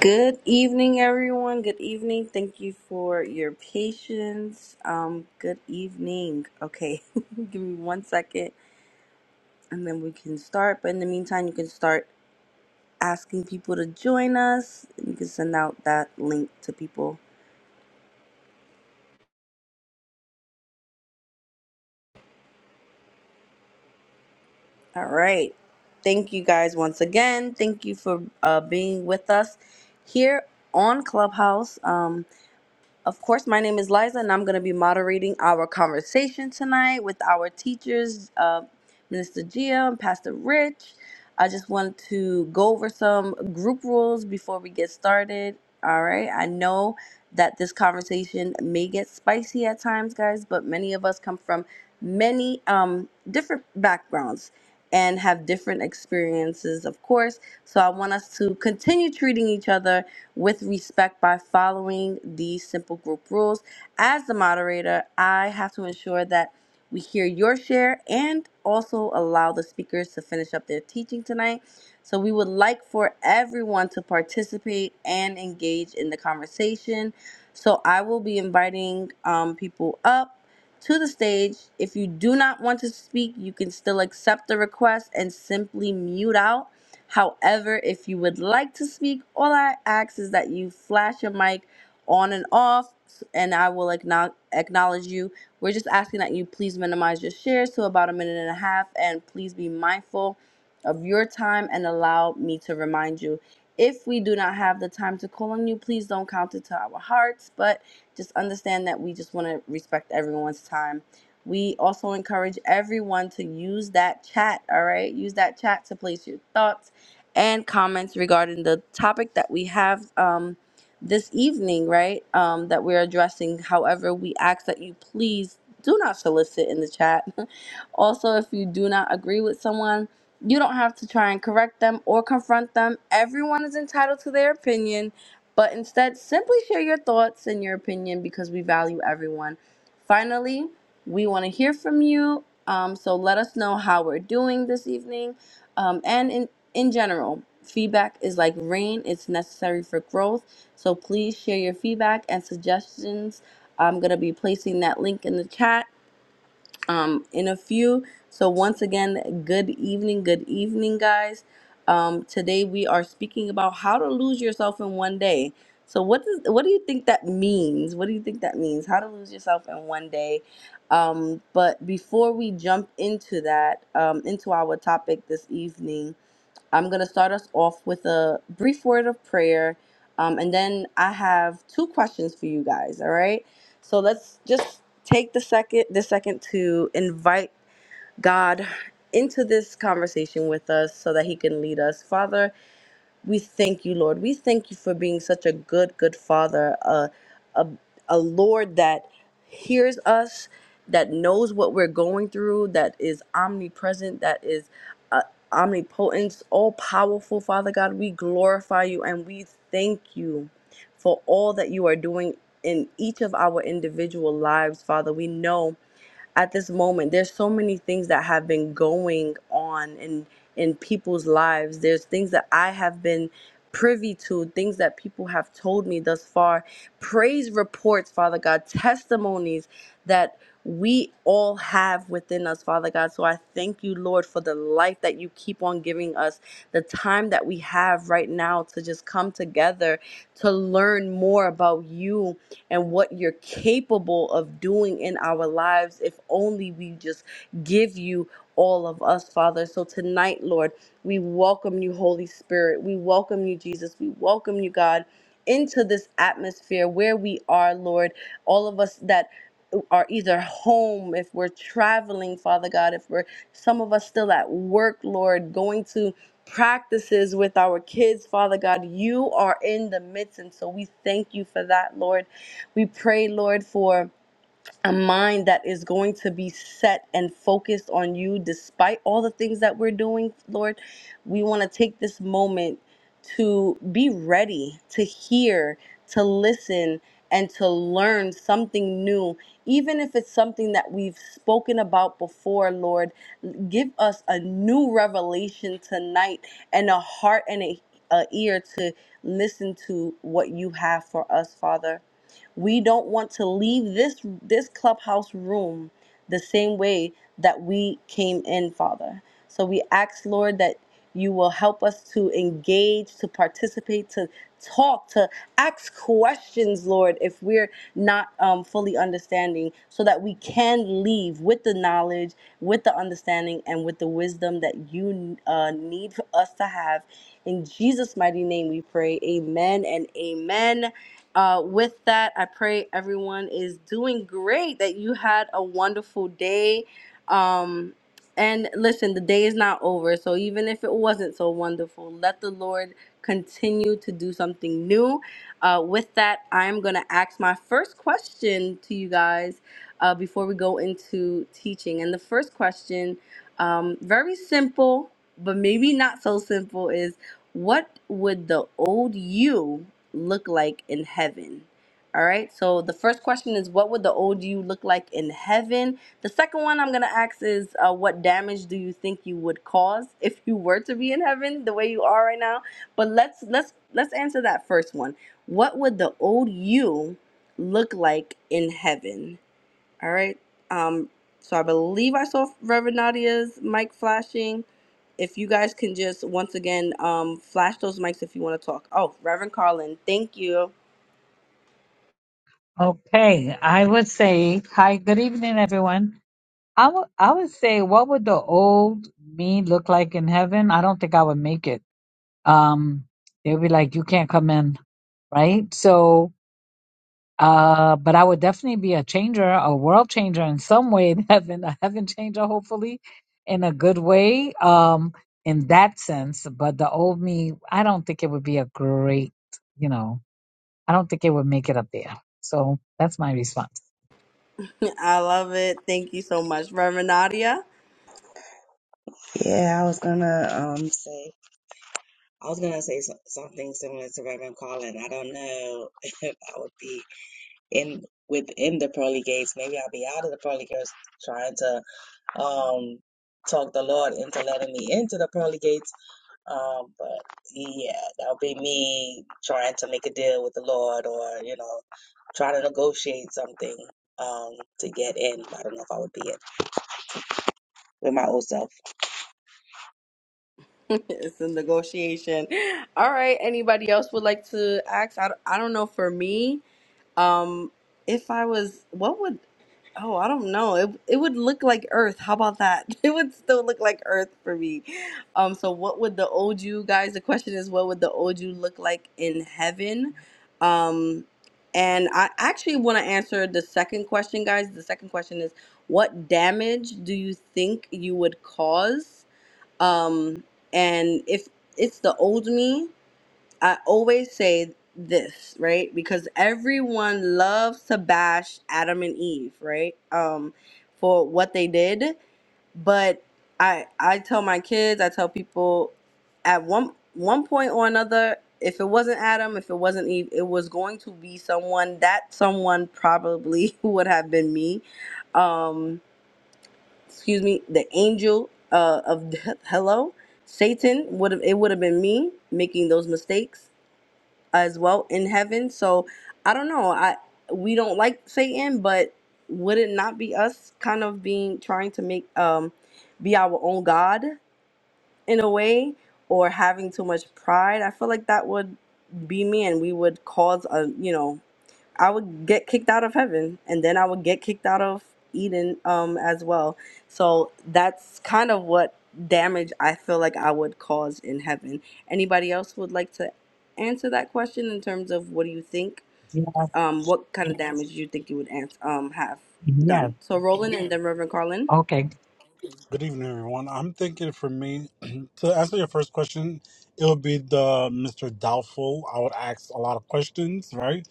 Good evening, everyone. Good evening. Thank you for your patience. Um, good evening. Okay, give me one second and then we can start. But in the meantime, you can start asking people to join us. You can send out that link to people. All right. Thank you guys once again. Thank you for uh, being with us here on Clubhouse. Um, Of course, my name is Liza, and I'm going to be moderating our conversation tonight with our teachers, uh, Minister Gia and Pastor Rich. I just want to go over some group rules before we get started. All right, I know that this conversation may get spicy at times, guys, but many of us come from many um, different backgrounds and have different experiences, of course. So I want us to continue treating each other with respect by following these simple group rules. As the moderator, I have to ensure that we hear your share and also allow the speakers to finish up their teaching tonight. So, we would like for everyone to participate and engage in the conversation. So, I will be inviting um, people up to the stage. If you do not want to speak, you can still accept the request and simply mute out However, if you would like to speak, all I ask is that you flash your mic on and off, and I will acknow- acknowledge you. We're just asking that you please minimize your shares to about a minute and a half, and please be mindful of your time and allow me to remind you. If we do not have the time to call on you, please don't count it to our hearts, but just understand that we just want to respect everyone's time. We also encourage everyone to use that chat, all right? Use that chat to place your thoughts and comments regarding the topic that we have um, this evening, right? Um, that we're addressing. However, we ask that you please do not solicit in the chat. also, if you do not agree with someone, you don't have to try and correct them or confront them. Everyone is entitled to their opinion, but instead, simply share your thoughts and your opinion because we value everyone. Finally, we want to hear from you. Um, so let us know how we're doing this evening. Um, and in in general, feedback is like rain, it's necessary for growth. So please share your feedback and suggestions. I'm going to be placing that link in the chat um, in a few. So, once again, good evening, good evening, guys. Um, today we are speaking about how to lose yourself in one day. So what does what do you think that means? What do you think that means? How to lose yourself in one day? Um, but before we jump into that, um, into our topic this evening, I'm going to start us off with a brief word of prayer. Um, and then I have two questions for you guys. All right. So let's just take the second, the second to invite God into this conversation with us so that he can lead us. Father, we thank you, Lord. We thank you for being such a good, good Father, a, a, a Lord that hears us, that knows what we're going through, that is omnipresent, that is uh, omnipotent, all powerful, Father God. We glorify you and we thank you for all that you are doing in each of our individual lives, Father. We know at this moment there's so many things that have been going on in in people's lives there's things that i have been privy to things that people have told me thus far praise reports father god testimonies that we all have within us father god so i thank you lord for the life that you keep on giving us the time that we have right now to just come together to learn more about you and what you're capable of doing in our lives if only we just give you all of us, Father. So tonight, Lord, we welcome you, Holy Spirit. We welcome you, Jesus. We welcome you, God, into this atmosphere where we are, Lord. All of us that are either home, if we're traveling, Father God, if we're some of us still at work, Lord, going to practices with our kids, Father God, you are in the midst. And so we thank you for that, Lord. We pray, Lord, for a mind that is going to be set and focused on you despite all the things that we're doing, Lord. We want to take this moment to be ready to hear, to listen, and to learn something new, even if it's something that we've spoken about before, Lord. Give us a new revelation tonight and a heart and a, a ear to listen to what you have for us, Father. We don't want to leave this this clubhouse room the same way that we came in, Father. So we ask, Lord, that you will help us to engage, to participate, to talk, to ask questions, Lord, if we're not um, fully understanding, so that we can leave with the knowledge, with the understanding, and with the wisdom that you uh, need for us to have. In Jesus' mighty name we pray. Amen and amen. Uh, with that, I pray everyone is doing great, that you had a wonderful day. Um, and listen, the day is not over. So even if it wasn't so wonderful, let the Lord continue to do something new. Uh, with that, I'm going to ask my first question to you guys uh, before we go into teaching. And the first question, um, very simple, but maybe not so simple, is what would the old you? look like in heaven? All right. So the first question is, what would the old you look like in heaven? The second one I'm gonna ask is, uh, what damage do you think you would cause if you were to be in heaven the way you are right now? But let's let's let's answer that first one. What would the old you look like in heaven? All right. Um, so I believe I saw Reverend Nadia's mic flashing. If you guys can just once again um, flash those mics if you want to talk. Oh, Reverend Carlin, thank you. Okay, I would say, hi, good evening, everyone. I would I would say, what would the old me look like in heaven? I don't think I would make it. Um, they'd be like, you can't come in, right? So, uh, but I would definitely be a changer, a world changer in some way in heaven, a heaven changer, hopefully, in a good way, um, in that sense. But the old me, I don't think it would be a great, you know, I don't think it would make it up there. So that's my response. I love it. Thank you so much, Reverend Nadia. Yeah, I was gonna um say I was gonna say so- something similar to Reverend Colin. I don't know if I would be in within the pearly gates. Maybe I'll be out of the pearly gates, trying to um talk the Lord into letting me into the pearly gates. Um, but yeah, that would be me trying to make a deal with the Lord, or you know, try to negotiate something um to get in. I don't know if I would be in with my old self. it's a negotiation. All right. Anybody else would like to ask? I don't, I don't know. For me, um, if I was, what would Oh, I don't know. It it would look like Earth. How about that? It would still look like Earth for me. Um, so what would the old you guys? The question is, what would the old you look like in heaven? Um, and I actually want to answer the second question, guys. The second question is, what damage do you think you would cause? Um, and if it's the old me, I always say this, right? Because everyone loves to bash Adam and Eve, right? Um, for what they did. But I I tell my kids, I tell people at one one point or another, if it wasn't Adam, if it wasn't Eve, it was going to be someone that someone probably would have been me. Um, excuse me, the angel uh, of death, hello, Satan would have it would have been me making those mistakes as well in heaven. So I don't know. I we don't like Satan, but would it not be us kind of being trying to make um be our own God in a way or having too much pride? I feel like that would be me and we would cause a you know I would get kicked out of heaven, and then I would get kicked out of Eden um, as well. So that's kind of what damage I feel like I would cause in heaven. Anybody else would like to answer that question in terms of what do you think? Um, what kind of damage you think you would ans- um, have Yeah. done? So Roland and then Reverend Carlin. Okay. Good evening, everyone. I'm thinking for me to answer your first question, it would be the Mr. Doubtful. I would ask a lot of questions, right?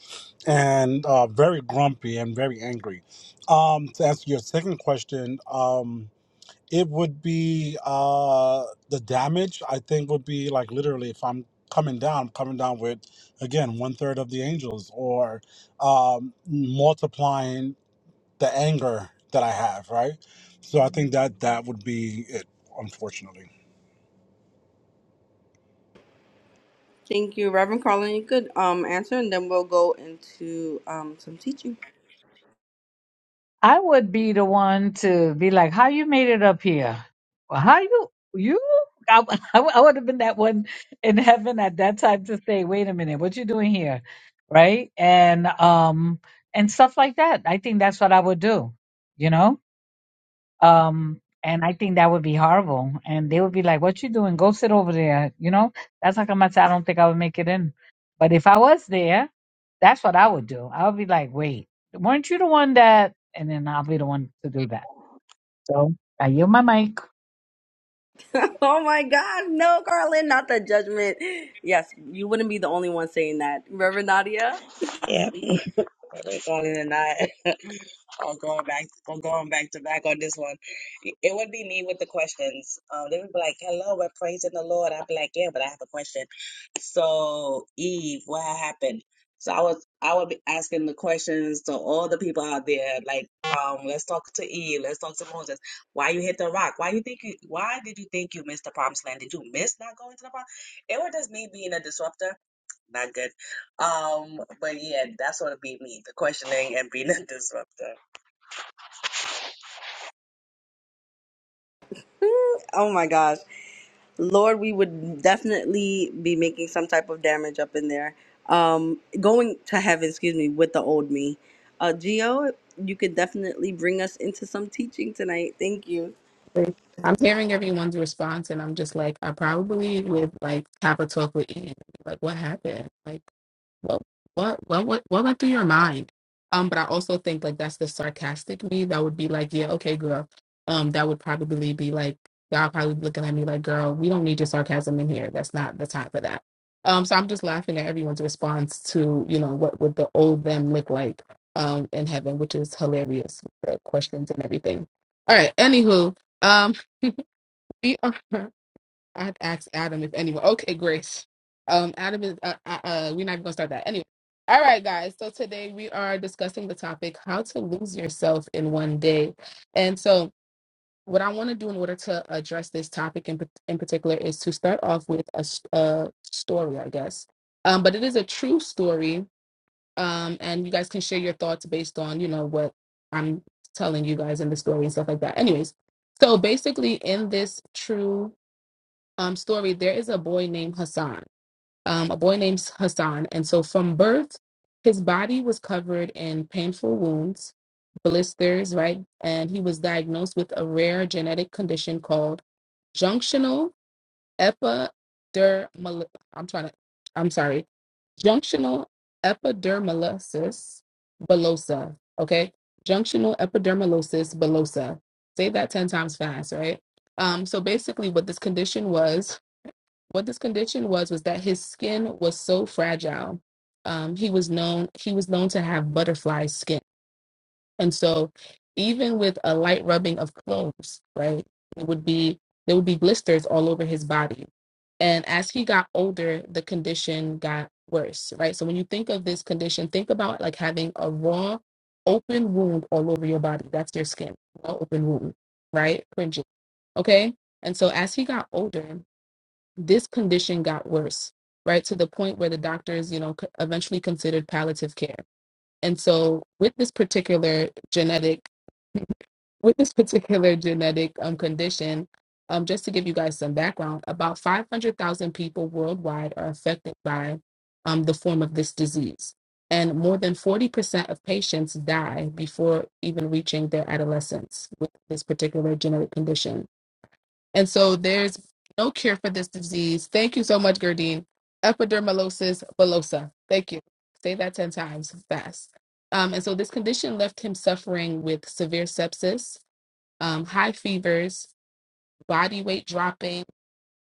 And uh, very grumpy and very angry. Um, to answer your second question, um, it would be uh, the damage. I think would be like literally if I'm coming down, I'm coming down with again one third of the angels, or um, multiplying the anger that I have, right? So I think that that would be it, unfortunately. Thank you, Reverend Carlin. You could um, answer, and then we'll go into um, some teaching. I would be the one to be like, how you made it up here? Well, how you, you? I, would have been that one in heaven at that time to say, wait a minute, what you doing here? Right. And, um, and stuff like that. I think that's what I would do, you know? Um, and I think that would be horrible. And they would be like, "What you doing? Go sit over there." You know, that's how come I said I don't think I would make it in. But if I was there, that's what I would do. I would be like, "Wait, weren't you the one that?" And then I'll be the one to do that. So I yield my mic. Oh my God, no, Carlin, not the judgment. Yes, you wouldn't be the only one saying that. Reverend Nadia? Yeah, Reverend Colin and I. Oh, going back, oh, going back to back on this one. It would be me with the questions. Um, they would be like, "Hello, we're praising the Lord." I'd be like, "Yeah, but I have a question." So, Eve, what happened? So I was, I would be asking the questions to all the people out there. Like, um, let's talk to Eve. Let's talk to Moses. Why you hit the rock? Why you think you? Why did you think you missed the promised land? Did you miss not going to the promised? It was just me being a disruptor. Not good. Um, but yeah, that's what it'd be me, the questioning and being a disruptor. Oh my gosh. Lord, we would definitely be making some type of damage up in there. Um, going to heaven, excuse me, with the old me. Uh, Gio, you could definitely bring us into some teaching tonight. Thank you. like, I'm hearing everyone's response, and I'm just like, I probably would like have a talk with Ian. Like, what happened? Like, what, what, what, what, what went through your mind? Um, but I also think like that's the sarcastic me that would be like, yeah, okay, girl. Um, that would probably be like, y'all probably be looking at me like, girl, we don't need your sarcasm in here. That's not the time for that. Um, so I'm just laughing at everyone's response to you know what would the old them look like um in heaven, which is hilarious. The questions and everything. All right, anywho. um. We are. I had to ask Adam if anyone. Okay, Grace. Um, Adam is. Uh, uh, uh, we're not even gonna start that anyway. All right, guys. So today we are discussing the topic how to lose yourself in one day. And so, what I want to do in order to address this topic in, in particular is to start off with a, s- a story, I guess. Um, but it is a true story. Um, and you guys can share your thoughts based on you know what I'm telling you guys in the story and stuff like that. Anyways, so basically, in this true um story there is a boy named hassan um a boy named hassan and so from birth his body was covered in painful wounds blisters right and he was diagnosed with a rare genetic condition called junctional epidermal i'm trying to i'm sorry junctional epidermolysis bullosa okay junctional epidermolysis bullosa say that 10 times fast right um so basically what this condition was what this condition was was that his skin was so fragile. Um, he was known he was known to have butterfly skin, and so even with a light rubbing of cloves, right, it would be there would be blisters all over his body. And as he got older, the condition got worse, right? So when you think of this condition, think about like having a raw, open wound all over your body. That's your skin, raw open wound, right? Fringing. Okay. And so as he got older, this condition got worse, right? To the point where the doctors, you know, c- eventually considered palliative care. And so, with this particular genetic, with this particular genetic um, condition, um, just to give you guys some background, about 500,000 people worldwide are affected by um, the form of this disease. And more than 40% of patients die before even reaching their adolescence with this particular genetic condition and so there's no cure for this disease. Thank you so much, Gerdine. Epidermolysis bullosa. Thank you. Say that 10 times fast. Um, and so this condition left him suffering with severe sepsis, um, high fevers, body weight dropping.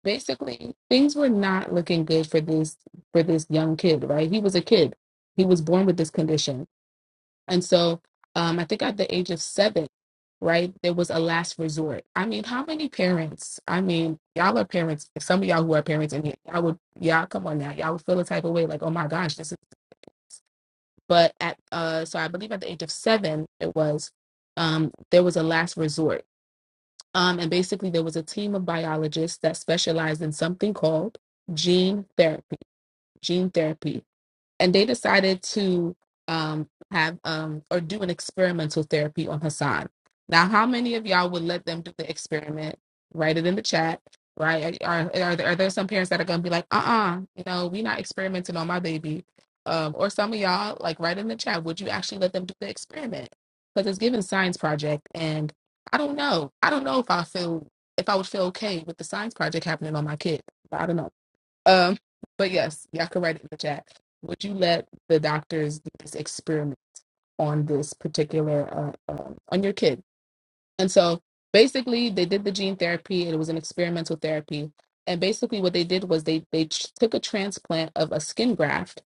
Basically, things were not looking good for this for this young kid, right? He was a kid. He was born with this condition. And so um, I think at the age of seven, right, there was a last resort. I mean, how many parents? I mean, y'all are parents. Some of y'all who are parents, and y- y'all would, y'all come on now, y'all would feel a type of way like, oh my gosh, this is. But at, uh, so I believe at the age of seven, it was, um, there was a last resort. Um, and basically, there was a team of biologists that specialized in something called gene therapy. Gene therapy and they decided to um, have um, or do an experimental therapy on Hassan. Now, how many of y'all would let them do the experiment? Write it in the chat, right? Are are there, are there some parents that are gonna be like, uh, uh you know, we not experimenting on my baby? Um, or some of y'all like write in the chat, would you actually let them do the experiment? Because it's given science project, and I don't know, I don't know if I feel if I would feel okay with the science project happening on my kid. I don't know. Um, but yes, y'all can write it in the chat. Would you let the doctors do this experiment on this particular uh, um on your kid? And so basically, they did the gene therapy. It was an experimental therapy, and basically, what they did was they they ch- took a transplant of a skin graft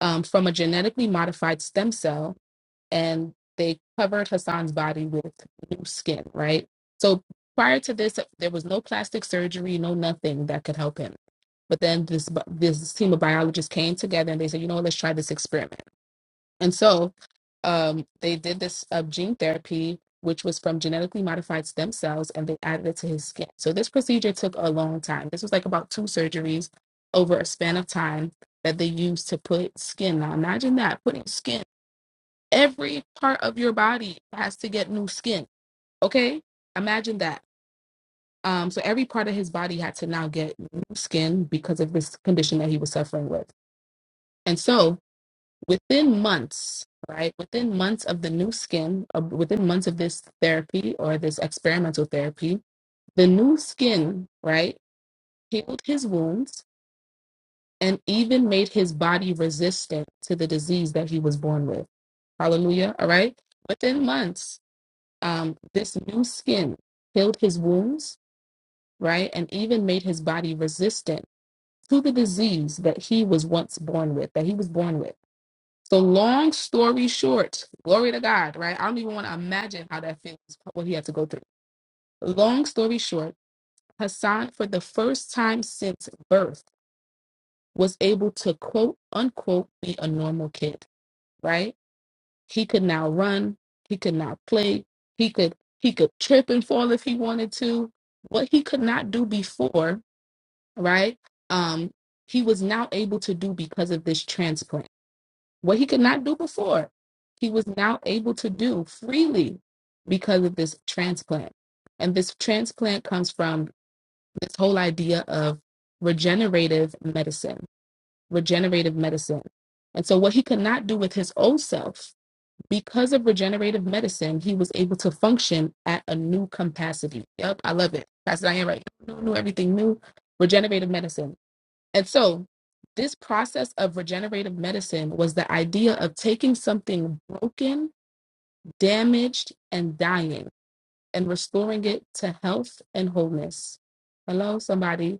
um, from a genetically modified stem cell and they covered Hassan's body with new skin, right? So prior to this, there was no plastic surgery, no nothing that could help him. But then this bi- this team of biologists came together and they said, you know, what, let's try this experiment. And so um, they did this uh, gene therapy, which was from genetically modified stem cells, and they added it to his skin. So this procedure took a long time. This was like about two surgeries over a span of time that they used to put skin. Now imagine that putting skin every part of your body has to get new skin. Okay? Imagine that. Um, so every part of his body had to now get new skin because of this condition that he was suffering with. And so within months, right, within months of the new skin, uh, within months of this therapy or this experimental therapy, the new skin, right, healed his wounds and even made his body resistant to the disease that he was born with. Hallelujah. All right. Within months, um, this new skin healed his wounds, right? And even made his body resistant to the disease that he was once born with, that he was born with. So, long story short, glory to God, right? I don't even want to imagine how that feels, what he had to go through. Long story short, Hassan, for the first time since birth, was able to quote unquote be a normal kid, right? He could now run. He could now play. He could he could trip and fall if he wanted to. What he could not do before, right? Um, he was now able to do because of this transplant. What he could not do before, he was now able to do freely because of this transplant. And this transplant comes from this whole idea of regenerative medicine. Regenerative medicine. And so what he could not do with his old self, because of regenerative medicine, he was able to function at a new capacity. Yep, I love it. That's Diane right. New, new, everything new. Regenerative medicine. And so, this process of regenerative medicine was the idea of taking something broken, damaged, and dying and restoring it to health and wholeness. Hello, somebody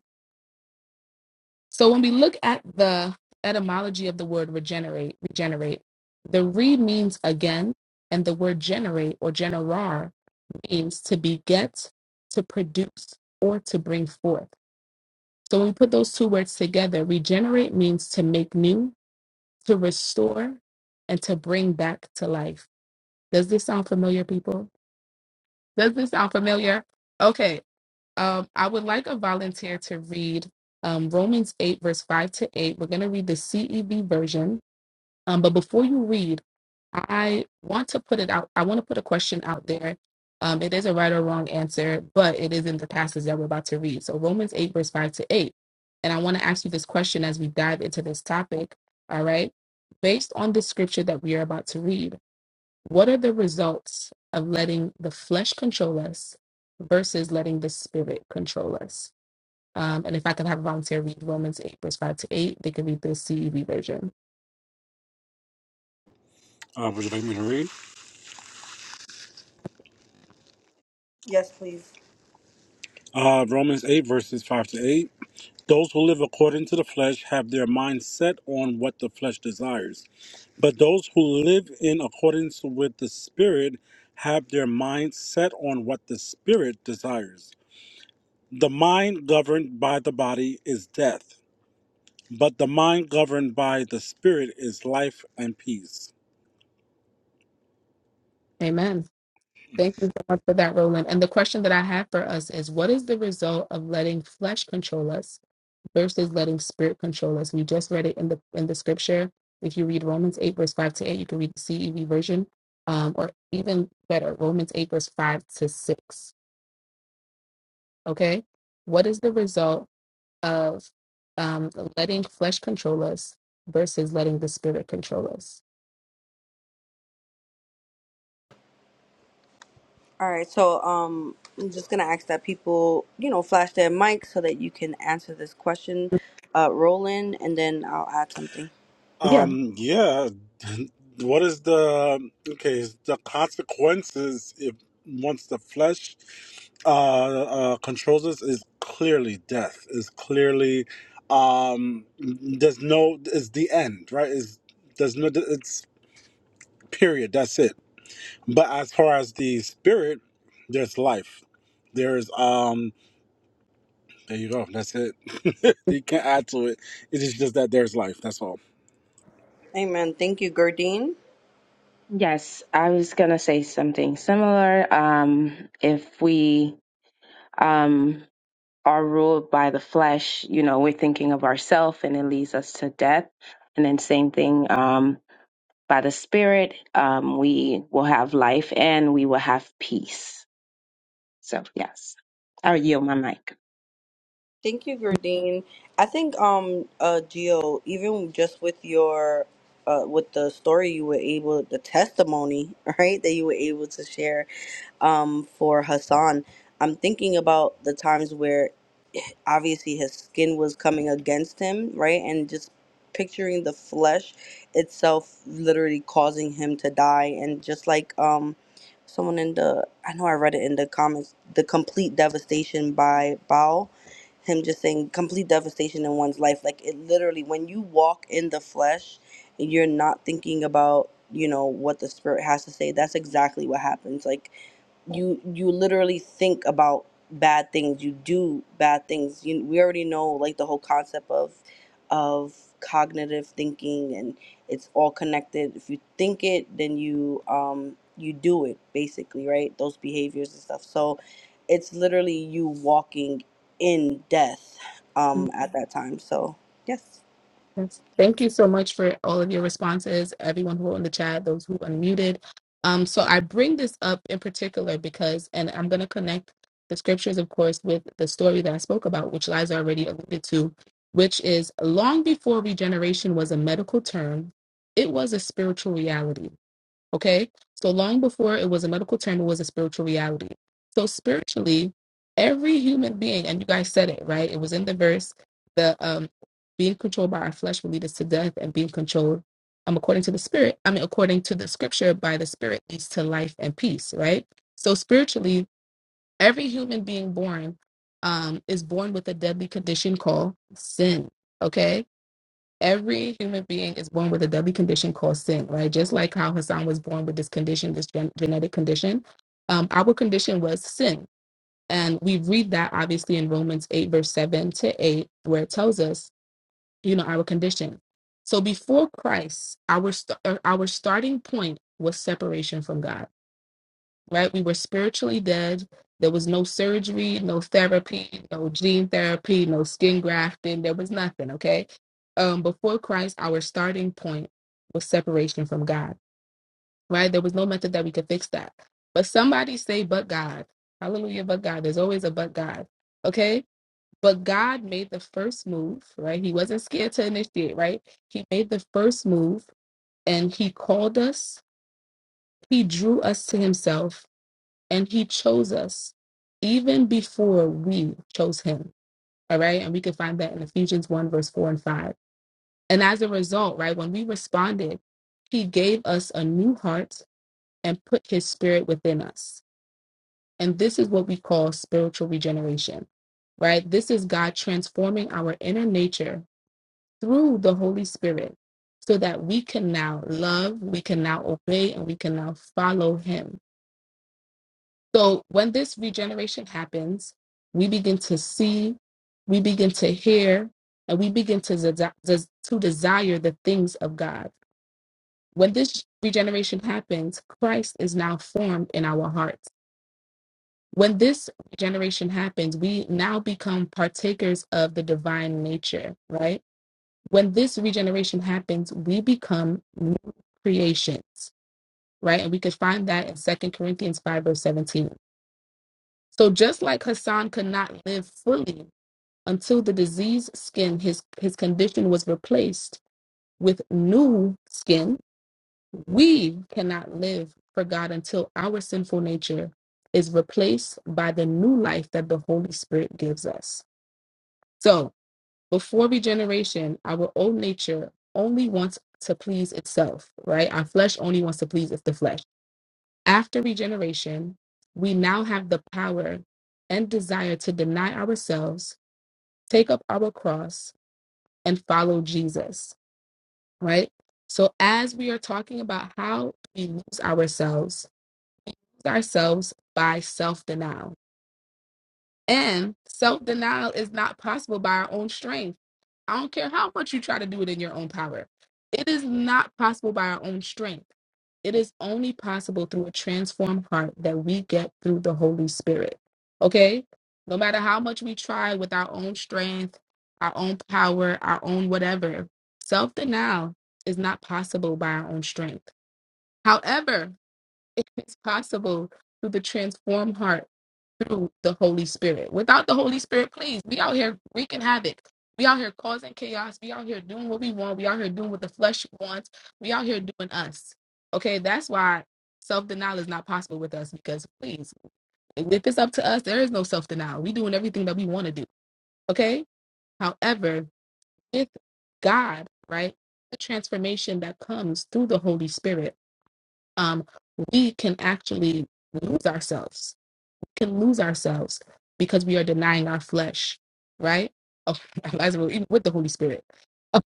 so when we look at the etymology of the word regenerate, regenerate, the re means again, and the word generate or generar means to beget, to produce, or to bring forth. So when we put those two words together, regenerate means to make new, to restore, and to bring back to life. Does this sound familiar, people? Does this sound familiar? Okay, um, I would like a volunteer to read um, Romans 8, verse 5 to 8. We're going to read the CEV version. Um, but before you read, I want to put it out. I want to put a question out there. Um, it is a right or wrong answer, but it is in the passage that we're about to read. So, Romans 8, verse 5 to 8. And I want to ask you this question as we dive into this topic. All right. Based on the scripture that we are about to read, what are the results of letting the flesh control us versus letting the spirit control us? Um, and if I could have a volunteer read Romans 8, verse 5 to 8, they could read the CEV version. Uh, would you like me to read? Yes, please. Uh, Romans 8, verses 5 to 8. Those who live according to the flesh have their mind set on what the flesh desires, but those who live in accordance with the Spirit have their mind set on what the Spirit desires. The mind governed by the body is death, but the mind governed by the Spirit is life and peace. Amen. Thank you so much for that, Roland. And the question that I have for us is what is the result of letting flesh control us versus letting spirit control us? We just read it in the in the scripture. If you read Romans 8, verse 5 to 8, you can read the CEV version, um, or even better, Romans 8, verse 5 to 6 Okay. What is the result of um, letting flesh control us versus letting the spirit control us? All right, so um, I'm just gonna ask that people, you know, flash their mics so that you can answer this question, uh, Roland, and then I'll add something. Yeah. Um, yeah. What is the okay? is The consequences if once the flesh uh, uh, controls us is clearly death. Is clearly um, there's no is the end right? Is there's no it's period. That's it. But as far as the spirit, there's life. There's um. There you go. That's it. you can't add to it. It is just that there's life. That's all. Amen. Thank you, Gardine. Yes, I was gonna say something similar. Um, if we um, are ruled by the flesh, you know, we're thinking of ourself, and it leads us to death. And then same thing um, by the spirit, um, we will have life and we will have peace. So yes, I'll yield my mic. Thank you, Verdine. I think um uh Gio, even just with your uh with the story you were able the testimony, right, that you were able to share um for Hassan, I'm thinking about the times where obviously his skin was coming against him, right? And just picturing the flesh itself literally causing him to die and just like um someone in the I know I read it in the comments, the complete devastation by Bao him just saying complete devastation in one's life. Like it literally, when you walk in the flesh, you're not thinking about you know what the spirit has to say. That's exactly what happens. Like you you literally think about bad things you do bad things you, we already know like the whole concept of of cognitive thinking and it's all connected if you think it then you um you do it basically right those behaviors and stuff so it's literally you walking in death Mm, um at that time so yes Yes. Thank you so much for all of your responses, everyone who wrote in the chat, those who unmuted. Um, so I bring this up in particular because, and I'm going to connect the scriptures, of course, with the story that I spoke about, which Liza already alluded to, which is long before regeneration was a medical term, it was a spiritual reality Okay. So long before it was a medical term, it was a spiritual reality. So spiritually, every human being, and you guys said it, right? It was in the verse, the um being controlled by our flesh will lead us to death and being controlled um according to the spirit, I mean according to the scripture by the spirit leads to life and peace, right? So spiritually, every human being born um is born with a deadly condition called sin. Okay every human being is born with a deadly condition called sin, right? Just like how Hassan was born with this condition, this gen- genetic condition, um, our condition was sin. And we read that obviously in Romans 8, verse 7 to 8, where it tells us, you know, our condition. So before Christ, our, st- uh, our starting point was separation from God right? We were spiritually dead. There was no surgery, no therapy, no gene therapy, no skin grafting. There was nothing, okay? Um, before Christ, our starting point was separation from God, right? There was no method that we could fix that. But somebody say, but God. Hallelujah, but God. There's always a but God, okay? But God made the first move, right? He wasn't scared to initiate, right? He made the first move and he called us, he drew us to himself and he chose us even before we chose him all right and we can find that in ephesians 1 verse 4 and 5 and as a result right when we responded he gave us a new heart and put his spirit within us and this is what we call spiritual regeneration right this is god transforming our inner nature through the holy spirit so that we can now love we can now obey and we can now follow him So when this regeneration happens, we begin to see, we begin to hear, and we begin to, desi- des- to desire the things of God. When this regeneration happens, Christ is now formed in our hearts. When this regeneration happens, we now become partakers of the divine nature, right? When this regeneration happens, we become new creations, right? And we could find that in Second Corinthians 5, verse 17 So just like Hassan could not live fully until the diseased skin, his, his condition was replaced with new skin, we cannot live for God until our sinful nature is replaced by the new life that the Holy Spirit gives us. So before regeneration, our old nature only wants to please itself, right? Our flesh only wants to please it's the flesh. After regeneration, we now have the power and desire to deny ourselves, take up our cross, and follow Jesus, right? So, as we are talking about how we lose ourselves, lose ourselves by self denial And self denial is not possible by our own strength. I don't care how much you try to do it in your own power, it is not possible by our own strength. It is only possible through a transformed heart that we get through the Holy Spirit. Okay? No matter how much we try with our own strength, our own power, our own whatever, self denial is not possible by our own strength. However, it is possible through the transformed heart through the Holy Spirit. Without the Holy Spirit, please, we out here wreaking havoc. We out here causing chaos. We out here doing what we want. We out here doing what the flesh wants. We out here doing us. Okay, that's why self denial is not possible with us because, please, if it's up to us, there is no self denial. We doing everything that we want to do. Okay. However, with God, right, the transformation that comes through the Holy Spirit um, we can actually lose ourselves. We can lose ourselves because we are denying our flesh, right? Oh, as we with the Holy Spirit,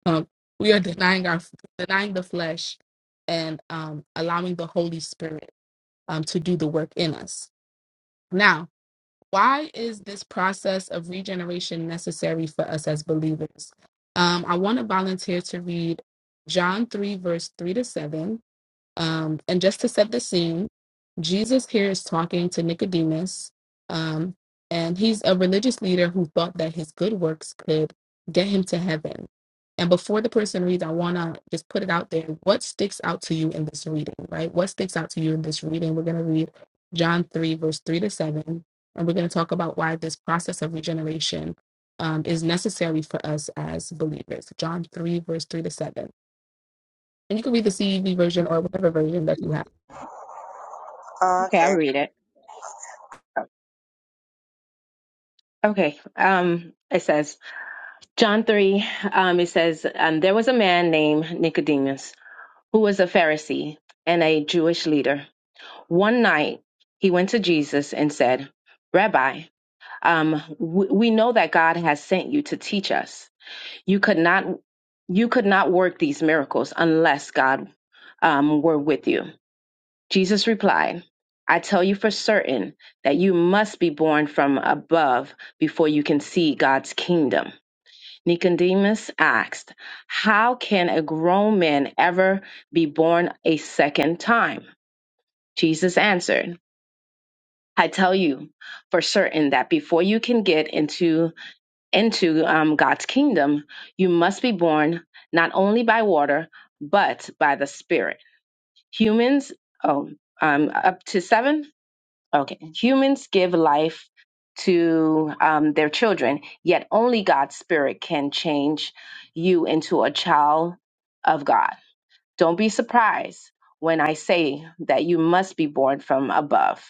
um, we are denying our denying the flesh and um, allowing the Holy Spirit um, to do the work in us. Now, why is this process of regeneration necessary for us as believers? Um, I want to volunteer to read John 3, verse 3 to 7, um, and just to set the scene, Jesus here is talking to Nicodemus, um, and he's a religious leader who thought that his good works could get him to heaven. And before the person reads, I want to just put it out there. What sticks out to you in this reading, right? What sticks out to you in this reading? We're going to read John 3, verse 3 to 7, and we're going to talk about why this process of regeneration um, is necessary for us as believers. John 3, verse 3 to 7. And you can read the CEV version or whatever version that you have. Okay, I'll read it. Okay. Um, it says John three. Um, it says, and there was a man named Nicodemus who was a Pharisee and a Jewish leader. One night, he went to Jesus and said, Rabbi, um, we, we know that God has sent you to teach us. You could not, you could not work these miracles unless God um, were with you. Jesus replied, I tell you for certain that you must be born from above before you can see God's kingdom. Nicodemus asked, How can a grown man ever be born a second time? Jesus answered, I tell you for certain that before you can get into into um, God's kingdom, you must be born not only by water but by the Spirit. Humans, oh, um, up to seven. Okay, humans give life to um, their children, yet only God's Spirit can change you into a child of God. Don't be surprised when I say that you must be born from above.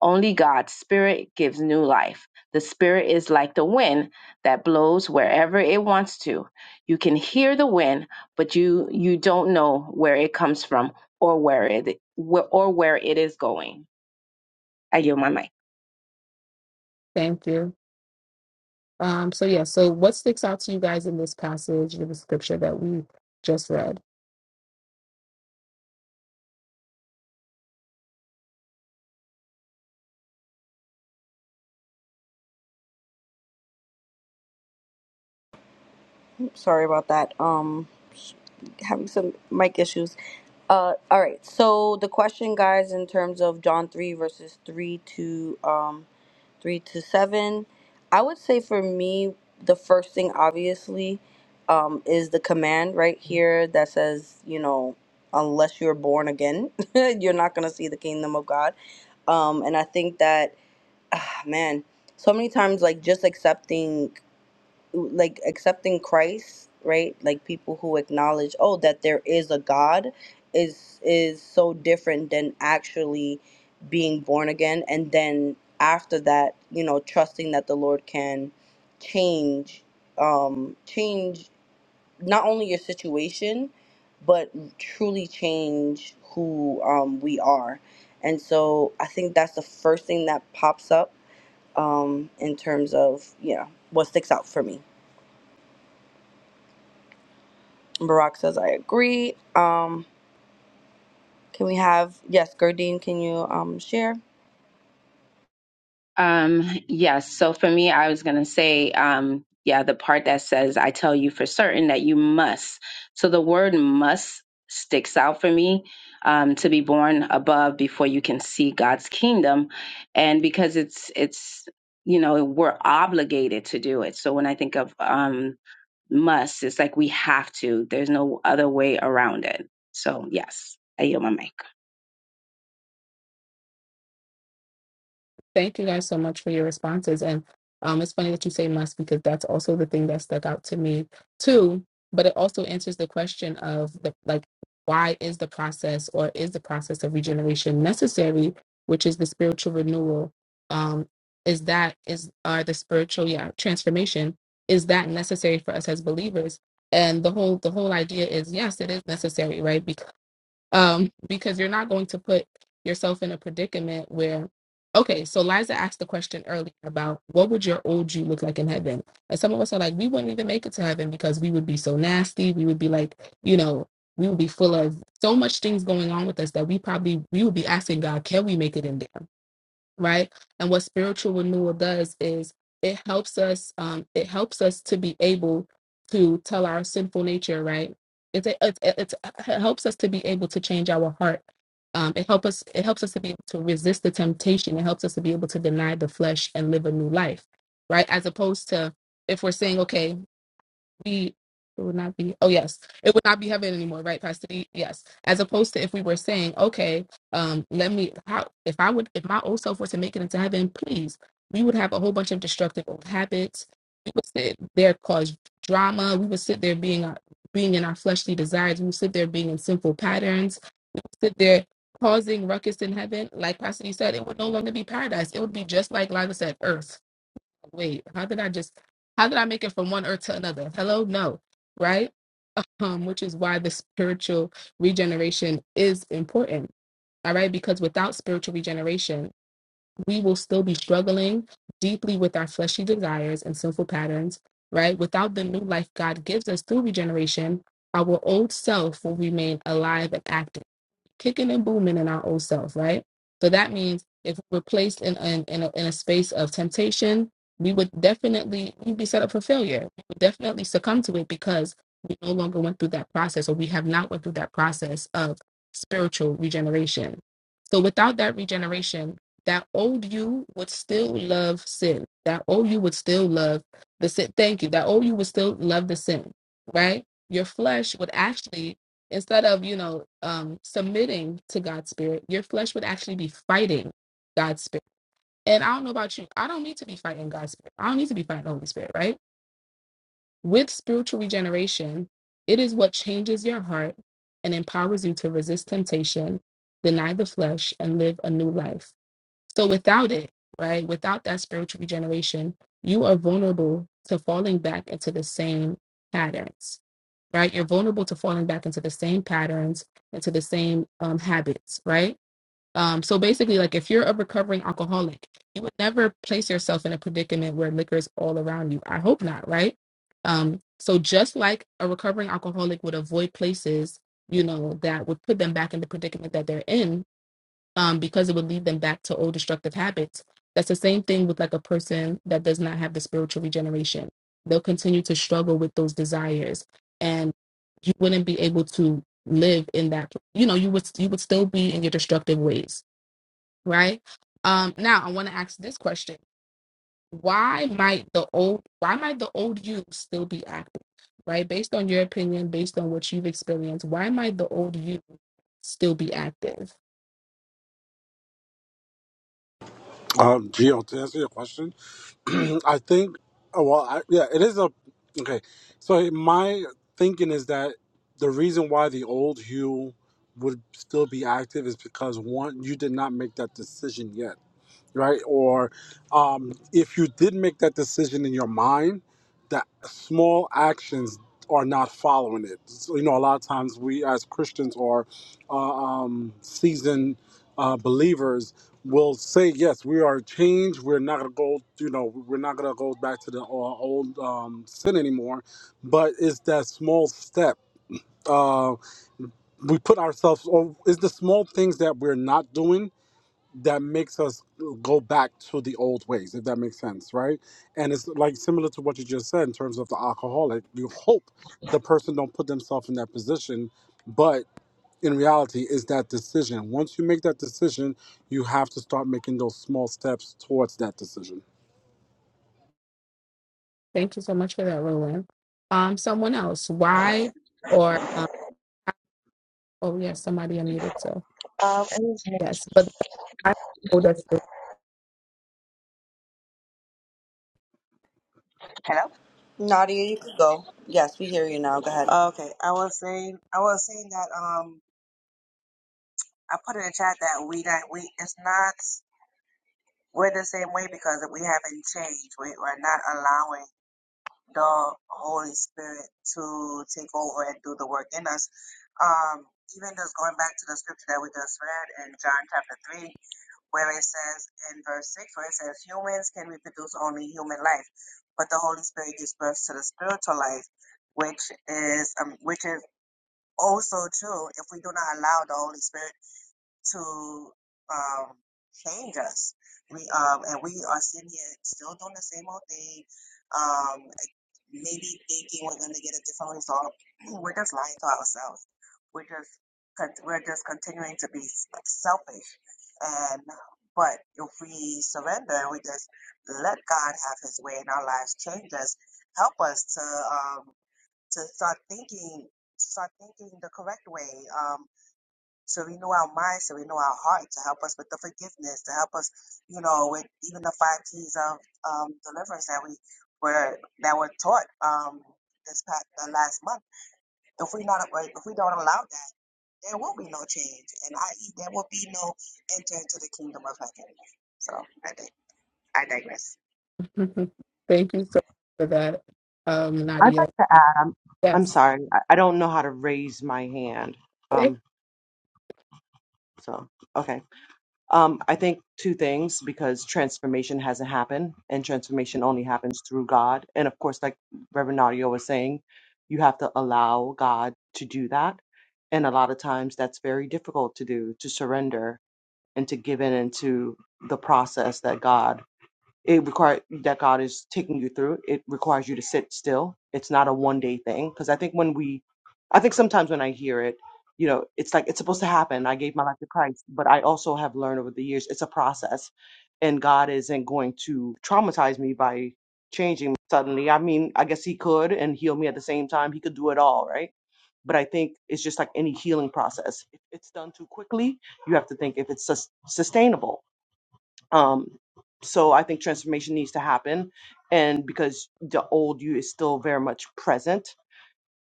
Only God's Spirit gives new life. The Spirit is like the wind that blows wherever it wants to. You can hear the wind, but you you don't know where it comes from or where it or where it is going. I yield my mic. Thank you. Um, so yeah, so what sticks out to you guys in this passage of the scripture that we just read? sorry about that um having some mic issues. Uh, all right. So the question, guys, in terms of John three verses three to um, three to seven, I would say for me the first thing obviously um, is the command right here that says you know unless you're born again you're not gonna see the kingdom of God, um, and I think that ah, man so many times like just accepting like accepting Christ, right? Like people who acknowledge, oh, that there is a God is is so different than actually being born again and then after that, you know, trusting that the Lord can change um change not only your situation but truly change who um we are. And so I think that's the first thing that pops up um in terms of, you know, what sticks out for me. Barack says, I agree. Um, can we have, yes, Gurdine, can you um, share? Um, yes. So for me, I was going to say, um, yeah, the part that says, I tell you for certain that you must. So the word must sticks out for me um, to be born above before you can see God's kingdom. And because it's, it's, you know, we're obligated to do it. So when I think of um, must, it's like we have to, there's no other way around it. So, yes, I yield my mic. Thank you guys so much for your responses. And um, it's funny that you say must because that's also the thing that stuck out to me too. But it also answers the question of the like, why is the process or is the process of regeneration necessary, which is the spiritual renewal? Um, is that is are the spiritual yeah transformation is that necessary for us as believers? And the whole the whole idea is yes, it is necessary, right? um, because you're not going to put yourself in a predicament where, okay, so Liza asked the question earlier about what would your old you look like in heaven? And some of us are like, we wouldn't even make it to heaven because we would be so nasty. We would be like, you know, we would be full of so much things going on with us that we probably we would be asking God, can we make it in there? right and what spiritual renewal does is it helps us um it helps us to be able to tell our sinful nature right it, it, it, it it helps us to be able to change our heart um it helps us it helps us to be able to resist the temptation it helps us to be able to deny the flesh and live a new life right as opposed to if we're saying okay be it would not be oh yes it would not be heaven anymore right Pastor? D? yes as opposed to if we were saying okay um let me how if i would if my old self were to make it into heaven please we would have a whole bunch of destructive old habits we would sit there cause drama we would sit there being our being in our fleshly desires we would sit there being in sinful patterns sit there causing ruckus in heaven like pastor you said it would no longer be paradise it would be just like lila said earth wait, how did I just how did I make it from one earth to another? Hello, no, right? Um, which is why the spiritual regeneration is important. All right, because without spiritual regeneration, we will still be struggling deeply with our fleshy desires and sinful patterns, right? Without the new life God gives us through regeneration, our old self will remain alive and active kicking and booming in our old self, right? So that means if we're placed in in, in, a, in a space of temptation, we would definitely we'd be set up for failure. We would definitely succumb to it because we no longer went through that process, or we have not went through that process of spiritual regeneration. So without that regeneration, that old you would still love sin. That old you would still love the sin. Thank you. That old you would still love the sin, right? Your flesh would actually instead of you know um submitting to god's spirit your flesh would actually be fighting god's spirit and i don't know about you i don't need to be fighting god's spirit i don't need to be fighting the holy spirit right with spiritual regeneration it is what changes your heart and empowers you to resist temptation deny the flesh and live a new life so without it right without that spiritual regeneration you are vulnerable to falling back into the same patterns right? You're vulnerable to falling back into the same patterns into the same um, habits, right? Um, so basically, like if you're a recovering alcoholic, you would never place yourself in a predicament where liquor is all around you. I hope not, right? Um, so just like a recovering alcoholic would avoid places, you know, that would put them back in the predicament that they're in, um, because it would lead them back to old destructive habits. That's the same thing with like a person that does not have the spiritual regeneration. They'll continue to struggle with those desires, and you wouldn't be able to live in that. You know, you would you would still be in your destructive ways, right? Um, now, I want to ask this question: Why might the old Why might the old you still be active? Right, based on your opinion, based on what you've experienced, why might the old you still be active? Um, Gio, to answer your question, I think, oh, well, I, yeah, it is a, okay. So my thinking is that the reason why the old Hugh would still be active is because one, you did not make that decision yet right? Or um, if you did make that decision in your mind, that small actions are not following it. So, you know, a lot of times we as Christians or uh, um, seasoned uh, believers will say, yes, we are changed. We're not going to go, you know, we're not going to go back to the uh, old um, sin anymore. But it's that small step. Uh, we put ourselves, or it's the small things that we're not doing that makes us go back to the old ways, if that makes sense, right? And it's like similar to what you just said in terms of the alcoholic. You hope the person don't put themselves in that position, but in reality, is that decision. Once you make that decision, you have to start making those small steps towards that decision. Thank you so much for that, Roland. Um, someone else, why or um, oh yeah, somebody unmuted, so Um, and yes, but I oh that's it. hello. Nadia, you can go. Yes, we hear you now. Go ahead. Okay, I was saying, I was saying that um, I put in the chat that we that we it's not we're the same way because we haven't changed. We we're not allowing the Holy Spirit to take over and do the work in us. Um, even just going back to the scripture that we just read in John chapter three, where it says in verse six, where it says humans life, but the whole life, which is um, which is also true if we do not allow the Holy Spirit to um, change us. We um, and we are sitting here still doing the same old thing. Um, maybe thinking we're going to get a different result. We're just lying to ourselves. We're just con- we're just continuing to be s- selfish. And but if we surrender, and we just let God have His way in our lives, change us, help us to um, to start thinking, start thinking the correct way. Um, to renew our minds, to renew our heart, to help us with the forgiveness, to help us, you know, with even the five keys of um, deliverance that we were that were taught um, this past uh, last month. If we not right, if we don't allow that, there will be no change, and i.e., there will be no enter into the kingdom of heaven. So I dig- I digress. Thank you so much for that, um, I thought Nadia. I'm I'm Yes, sorry. I, I don't know how to raise my hand. yeah, Um so okay. Um I think two things because transformation hasn't happened and transformation only happens through God. And of course like Reverend Nadia was saying, you have to allow God to do that. And a lot of times that's very difficult to do, to surrender and to give in into the process that God It requires that God is taking you through. It requires you to sit still. It's not a one day thing. Because I think when we, I think sometimes when I hear it, you know, it's like it's supposed to happen. I gave my life to Christ, but I also have learned over the years it's a process, and God isn't going to traumatize me by changing me suddenly. I mean, I guess He could and heal me at the same time. He could do it all, right? But I think it's just like any healing process. If it's done too quickly, you have to think if it's sus- sustainable um, so I think transformation needs to happen, and because the old you is still very much present,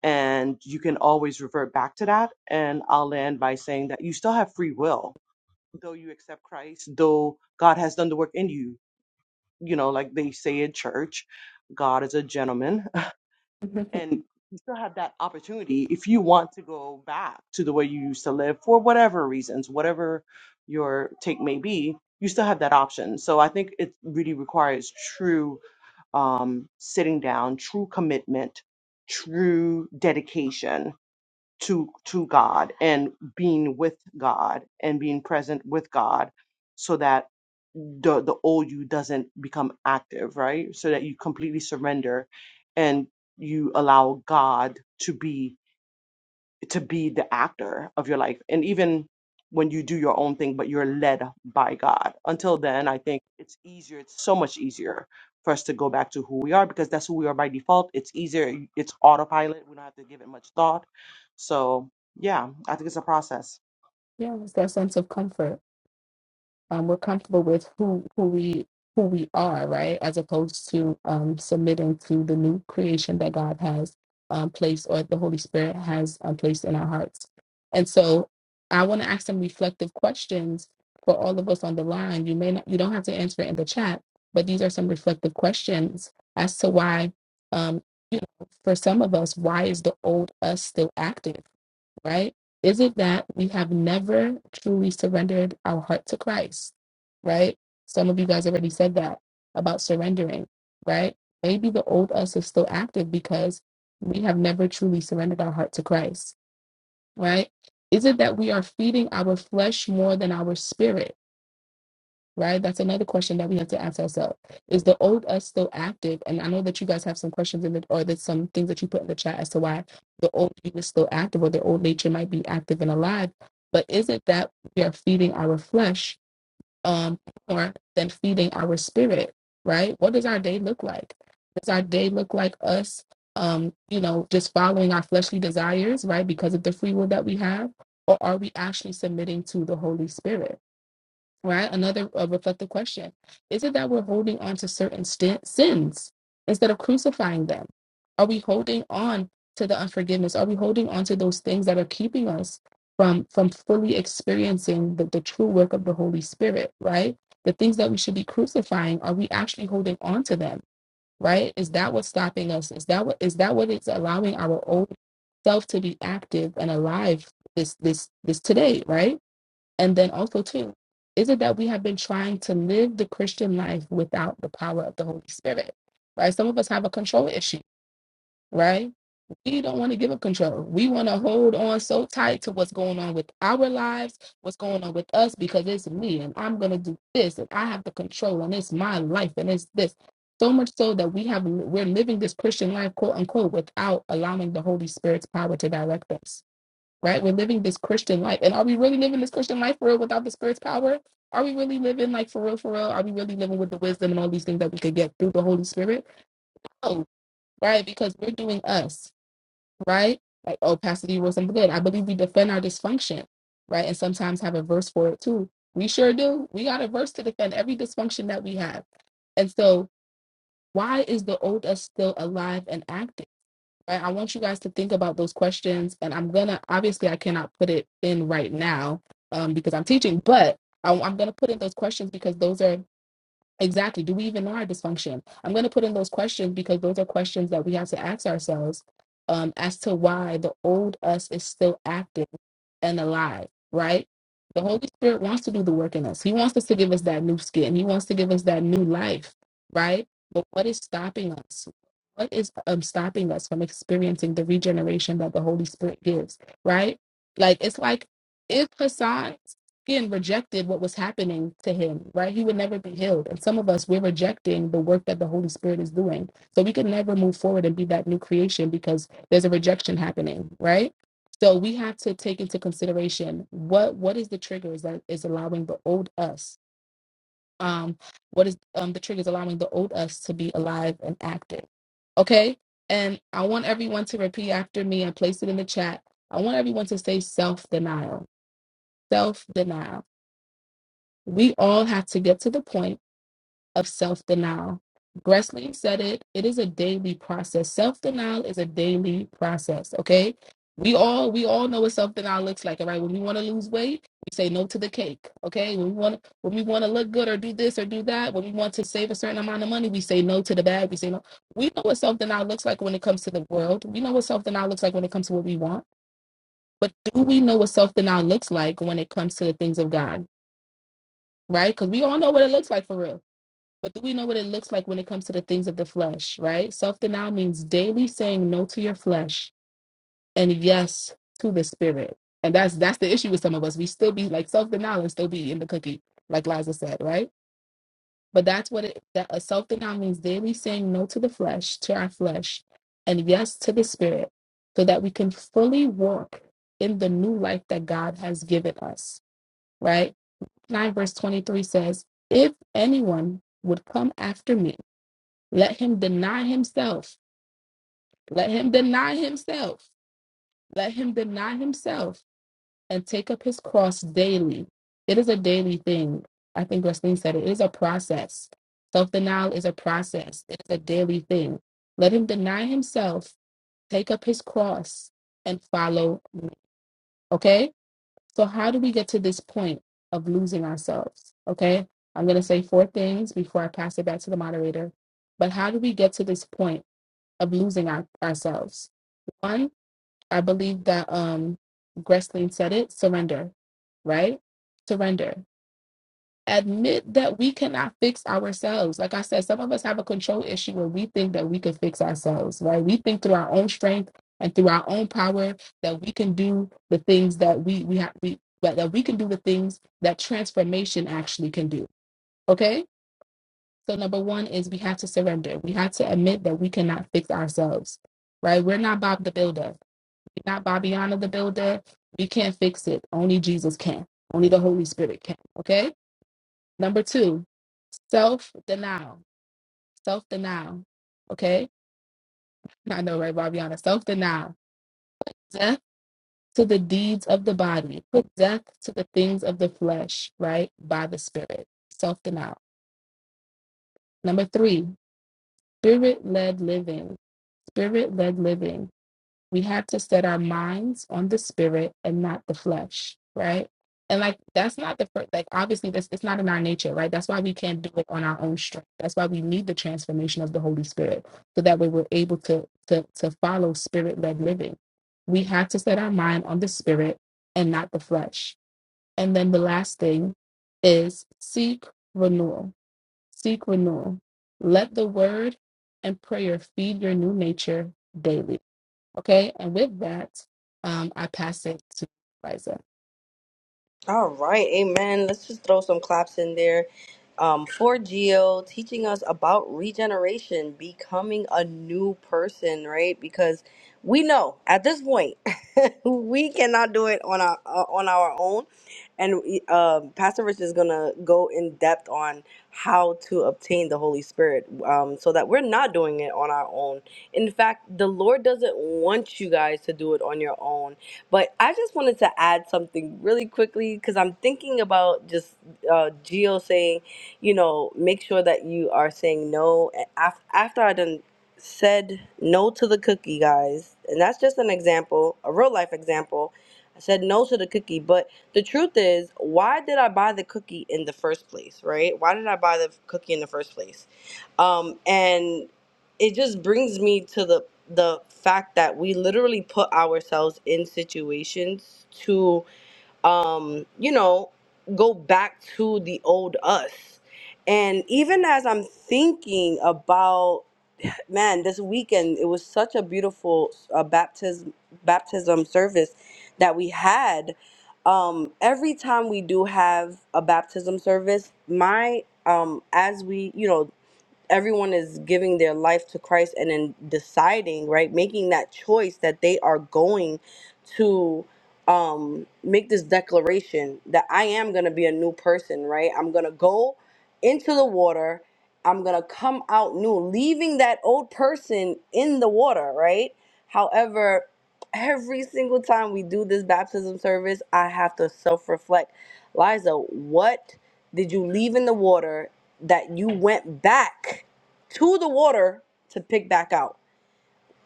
and you can always revert back to that. And I'll land by saying that you still have free will, though you accept Christ, though God has done the work in you. You know, like they say in church, God is a gentleman and you still have that opportunity if you want to go back to the way you used to live for whatever reasons, whatever your take may be, you still have that option. So I think it really requires true um, sitting down, true commitment, true dedication to to God and being with God and being present with God so that the the old you doesn't become active, right? So that you completely surrender and you allow God to be to be the actor of your life. And even when you do your own thing, but you're led by God. Until then, I think it's easier, it's so much easier for us to go back to who we are because that's who we are by default. It's easier, it's autopilot. We don't have to give it much thought. So yeah, I think it's a process. it's that sense of comfort. um, we're comfortable with who who we who we are, right? As opposed to um, submitting to the new creation that God has um, placed or the Holy Spirit has um, placed in our hearts. And so, I want to ask some reflective questions for all of us on the line. You may not, you don't have to answer it in the chat, but these are some reflective questions as to why, um, you know, for some of us, why is the old us still active? right? Is it that we have never truly surrendered our heart to Christ, right? Some of you guys already said that about surrendering, right? Maybe the old us is still active because we have never truly surrendered our heart to Christ, right? Is it that we are feeding our flesh more than our spirit? right? That's another question that we have to ask ourselves. Is the old us still active? And I know that you guys have some questions in the or there's some things that you put in the chat as to why the old you is still active or the old nature might be active and alive. But is it that we are feeding our flesh um more than feeding our spirit, right? What does our day look like? Does our day look like us um, you know, just following our fleshly desires, right? Because of the free will that we have, or are we actually submitting to the Holy Spirit? right? Another uh, reflective question. Is it that we're holding on to certain st- sins instead of crucifying them? Are we holding on to the unforgiveness? Are we holding on to those things that are keeping us from from fully experiencing the, the true work of the Holy Spirit, right? The things that we should be crucifying, are we actually holding on to them? Right? Is that what's stopping us? Is that what is that what is allowing our old self to be active and alive this this this today, right? And then also, too, is it that we have been trying to live the Christian life without the power of the Holy Spirit? Right? Some of us have a control issue, right? We don't want to give up control. We want to hold on so tight to what's going on with our lives, what's going on with us, because it's me and I'm going to do this and I have the control and it's my life and it's this. So much so that we have we're living this Christian life, quote unquote, without allowing the Holy Spirit's power to direct us right? We're living this Christian life. And are we really living this Christian life for real without the Spirit's power? Are we really living like for real, for real? Are we really living with the wisdom and all these things that we could get through the Holy Spirit? Oh, right, because we're doing us, right? Like, oh, Pastor D wrote something good. I believe we defend our dysfunction, right? And sometimes have a verse for it too. We sure do. We got a verse to defend every dysfunction that we have. And so, why is the old us still alive and active? I I want you guys to think about those questions, and I'm gonna obviously I cannot put it in right now um, because I'm teaching, but I, I'm gonna put in those questions because those are Exactly. Do we even know our dysfunction? I'm going to put in those questions because those are questions that we have to ask ourselves um, as to why the old us is still active and alive, right? The Holy Spirit wants to do the work in us. He wants us to give us that new skin. He wants to give us that new life, right? But what is stopping us? What is um, stopping us from experiencing the regeneration that the Holy Spirit gives, right? Like, it's like if Hassan Again, rejected what was happening to him, right? He would never be healed. And some of us, we're rejecting the work that the Holy Spirit is doing. So we could never move forward and be that new creation because there's a rejection happening, right? So we have to take into consideration what what is the triggers that is allowing the old us, um, what is um the triggers allowing the old us to be alive and active. Okay? And I want everyone to repeat after me and place it in the chat. I want everyone to say self-denial. Self-denial we all have to get to the point of self denial. Gresling said it, it is a daily process. Self denial is a daily process, okay? We all we all know what self denial looks like, all right? When we want to lose weight, we say no to the cake, okay? When we want when we want to look good or do this or do that, when we want to save a certain amount of money, we say no to the bag, we say no. We know what self denial looks like when it comes to the world. We know what self denial looks like when it comes to what we want. But do we know what self denial looks like when it comes to the things of God, right? Because we all know what it looks like for real but do we know what it looks like when it comes to the things of the flesh, right? Self denial means daily saying no to your flesh and yes to the spirit. And that's that's the issue with some of us. We still be like self denial and still be eating the cookie, like Liza said, right? But that's what it that a self denial means daily saying no to the flesh, to our flesh, and yes to the spirit, so that we can fully walk in the new life that God has given us, right? 9 verse 23 says, If anyone would come after me, let him deny himself. Let him deny himself. Let him deny himself and take up his cross daily. It is a daily thing. I think Wesleyan said it It is a process. Self denial is a process, it is a daily thing. Let him deny himself, take up his cross, and follow me. Okay? So, how do we get to this point of losing ourselves? Okay? I'm going to say four things before I pass it back to the moderator. But how do we get to this point of losing our, ourselves. One, I believe that um Gressling said it, surrender, right? Surrender. Admit that we cannot fix ourselves. Like I said, some of us have a control issue where we think that we can fix ourselves, right? We think through our own strength and through our own power that we can do the things that we we have we but that we can do the things that transformation actually can do. Okay? So number one is we have to surrender. We have to admit that we cannot fix ourselves, right? We're not Bob the Builder. We're not Bobbiana the Builder. We can't fix it. Only Jesus can. Only the Holy Spirit can. Okay. Number two, self denial. Self denial. Okay. I know, right, Bobbiana? Self denial. Death to the deeds of the body. Put death to the things of the flesh, right? By the Spirit. Self denial. Number three, spirit led living. Spirit led living we have to set our minds on the spirit and not the flesh right and like that's not the first like obviously that's it's not in our nature right that's why we can't do it on our own strength that's why we need the transformation of the holy spirit so that way we're able to to, to follow spirit led living we have to set our mind on the spirit and not the flesh and then the last thing is seek renewal seek renewal let the word and prayer feed your new nature daily Okay, and with that, um, I pass it to Liza. All right, amen. Let's just throw some claps in there. Um, for Geo teaching us about regeneration, becoming a new person, right? Because we know at this point we cannot do it on our uh, on our own, and uh, Pastor Rich is gonna go in depth on how to obtain the Holy Spirit, um, so that we're not doing it on our own. In fact, the Lord doesn't want you guys to do it on your own but I just wanted to add something really quickly because I'm thinking about just uh, Geo saying, you know, make sure that you are saying no. And af- after I done said no to the cookie, guys, and that's just an example, a real life example. I said no to the cookie, but the truth is, why did I buy the cookie in the first place, right? Why did I buy the cookie in the first place? Um, and it just brings me to the the fact that we literally put ourselves in situations to um you know go back to the old us and even as i'm thinking about man this weekend it was such a beautiful uh, baptism baptism service that we had um every time we do have a baptism service my um as we you know everyone is giving their life to Christ and then deciding, right, making that choice that they are going to um make this declaration that I am going to be a new person, right? I'm going to go into the water. I'm going to come out new, leaving that old person in the water, right? However, every single time we do this baptism service, I have to self-reflect. Liza, what did you leave in the water that you went back to the water to pick back out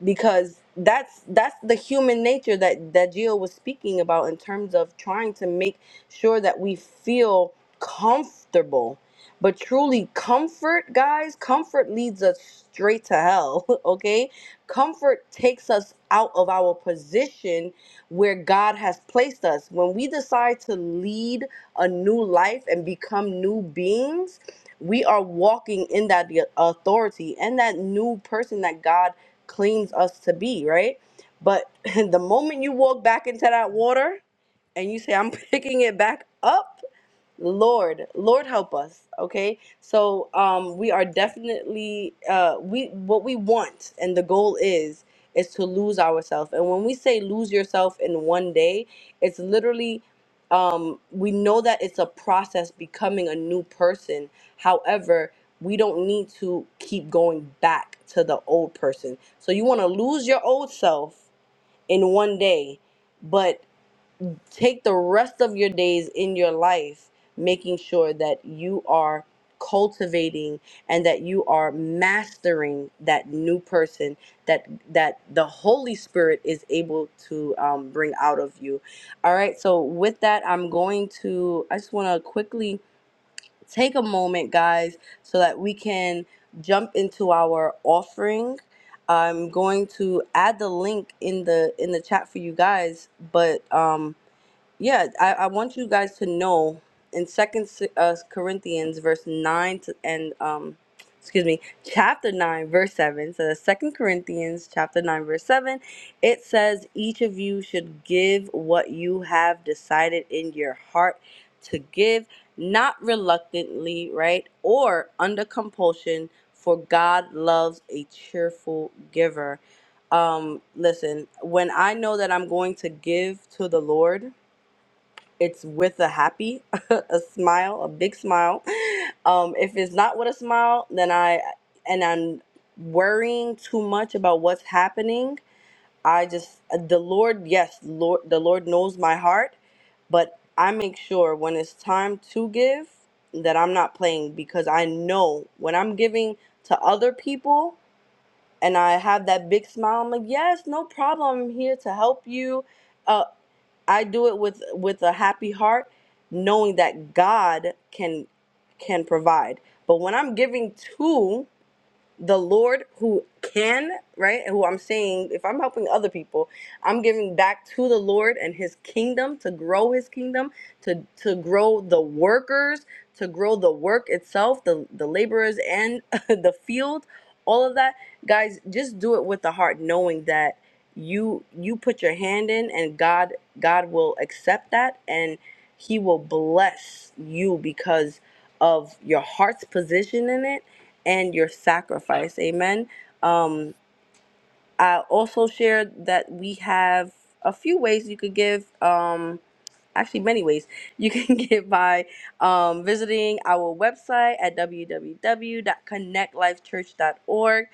because that's that's the human nature that that Gio was speaking about in terms of trying to make sure that we feel comfortable. But truly comfort, guys, comfort leads us straight to hell, okay? Comfort takes us out of our position where God has placed us. When we decide to lead a new life and become new beings, we are walking in that authority and that new person that God cleans us to be, right? But the moment you walk back into that water and you say, I'm picking it back up, Lord, Lord help us, okay? So um we are definitely uh we what we want and the goal is is to lose ourselves. And when we say lose yourself in one day, it's literally um we know that it's a process becoming a new person. However, we don't need to keep going back to the old person. So you want to lose your old self in one day, but take the rest of your days in your life making sure that you are cultivating and that you are mastering that new person that that the holy spirit is able to um, bring out of you all right so with that i'm going to i just want to quickly take a moment guys so that we can jump into our offering i'm going to add the link in the in the chat for you guys but um yeah, I, I want you guys to know in Second uh, Corinthians verse nine to, and um, excuse me, chapter nine verse seven. So that's Second Corinthians chapter nine verse seven. It says each of you should give what you have decided in your heart to give, not reluctantly, right, or under compulsion. For God loves a cheerful giver. Um, listen, when I know that I'm going to give to the Lord it's with a happy, a smile, a big smile. Um, if it's not with a smile, then I and I'm worrying too much about what's happening. I just the Lord, yes, Lord, the Lord knows my heart, but I make sure when it's time to give that I'm not playing because I know when I'm giving to other people and I have that big smile. I'm like, yes, no problem. I'm here to help you. Uh, I do it with with a happy heart, knowing that God can can provide. But when I'm giving to the Lord who can, right? Who I'm saying, if I'm helping other people, I'm giving back to the Lord and his kingdom to grow his kingdom, to to grow the workers, to grow the work itself, the, the laborers and the field, all of that. Guys, just do it with the heart, knowing that you you put your hand in and God God will accept that and he will bless you because of your heart's position in it and your sacrifice. Amen. Um, I also shared that we have a few ways you could give. Um, actually many ways you can get by um, visiting our website at www.connectlifechurch.org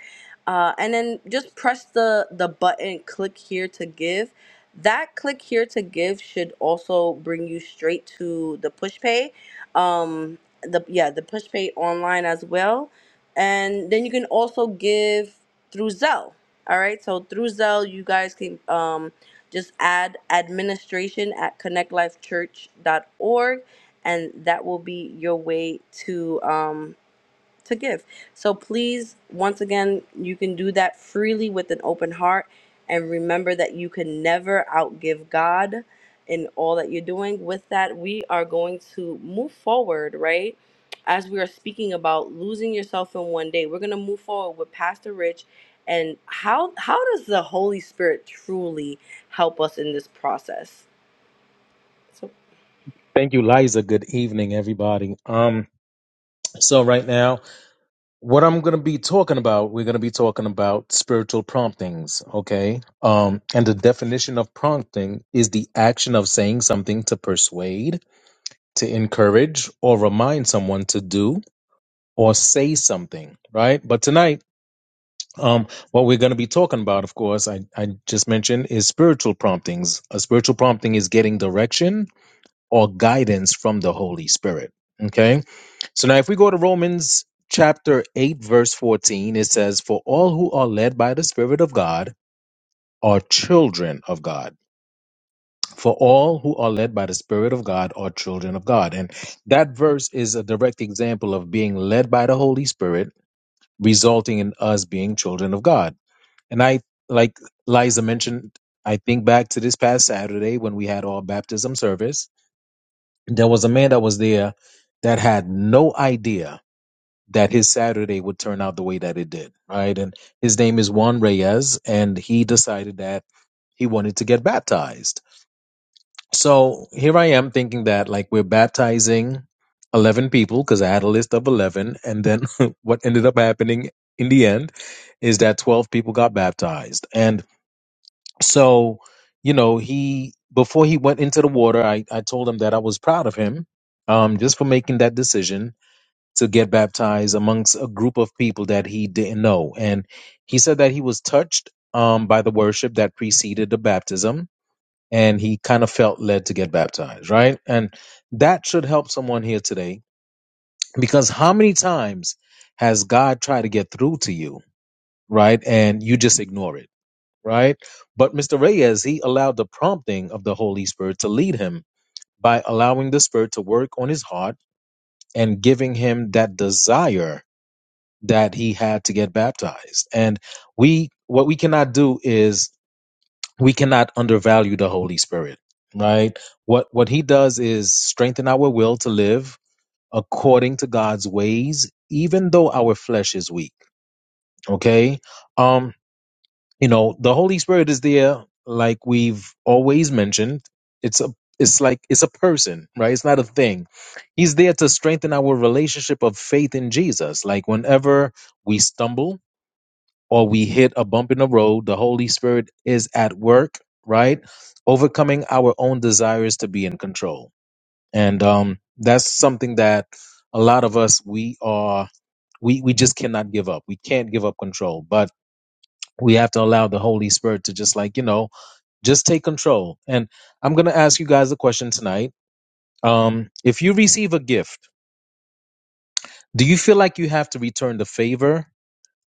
uh, and then just press the the button click here to give that click here to give should also bring you straight to the push pay um the yeah the push pay online as well and then you can also give through zelle all right so through zelle you guys can um just add administration at connect life church dot org, and that will be your way to. Um, to give. So please, once again, you can do that freely with an open heart and remember that you can never outgive God in all that you're doing. With that, we are going to move forward, right? As we are speaking about losing yourself in one day, we're going to move forward with Pastor Rich and how how does the Holy Spirit truly help us in this process? So Thank you, Liza. Good evening, everybody. Um, so right now, what I'm gonna be talking about, we're gonna be talking about spiritual promptings, okay? Um, and the definition of prompting is the action of saying something to persuade, to encourage, or remind someone to do or say something, right? But tonight, um, what we're going to be talking about, of course, I, I just mentioned is spiritual promptings. A spiritual prompting is getting direction, or guidance from the Holy Spirit. Okay. So now, if we go to Romans chapter 8, verse 14, it says, For all who are led by the Spirit of God are children of God. For all who are led by the Spirit of God are children of God. And that verse is a direct example of being led by the Holy Spirit, resulting in us being children of God. And I, like Liza mentioned, I think back to this past Saturday when we had our baptism service there was a man that was there that had no idea that his Saturday would turn out the way that it did, right? And his name is Juan Reyes, and he decided that he wanted to get baptized. So here I am thinking that like we're baptizing 11 people because I had a list of 11. And then what ended up happening in the end is that 12 people got baptized. And so, you know, he before he went into the water, I, I told him that I was proud of him, um, just for making that decision to get baptized amongst a group of people that he didn't know. And he said that he was touched um by the worship that preceded the baptism, and he kind of felt led to get baptized, right? And that should help someone here today because how many times has God tried to get through to you, right? And you just ignore it right? But Mr. Reyes, he allowed the prompting of the Holy Spirit to lead him by allowing the Spirit to work on his heart and giving him that desire that he had to get baptized. And we, what we cannot do is we cannot undervalue the Holy Spirit, right? What, what he does is strengthen our will to live according to God's ways, even though our flesh is weak. Okay. Um, you know the holy spirit is there like we've always mentioned it's a it's like it's a person right it's not a thing he's there to strengthen our relationship of faith in jesus like whenever we stumble or we hit a bump in the road the holy spirit is at work right overcoming our own desires to be in control and um that's something that a lot of us we are we we just cannot give up we can't give up control but we have to allow the holy spirit to just like you know just take control. And I'm going to ask you guys a question tonight. Um, if you receive a gift, do you feel like you have to return the favor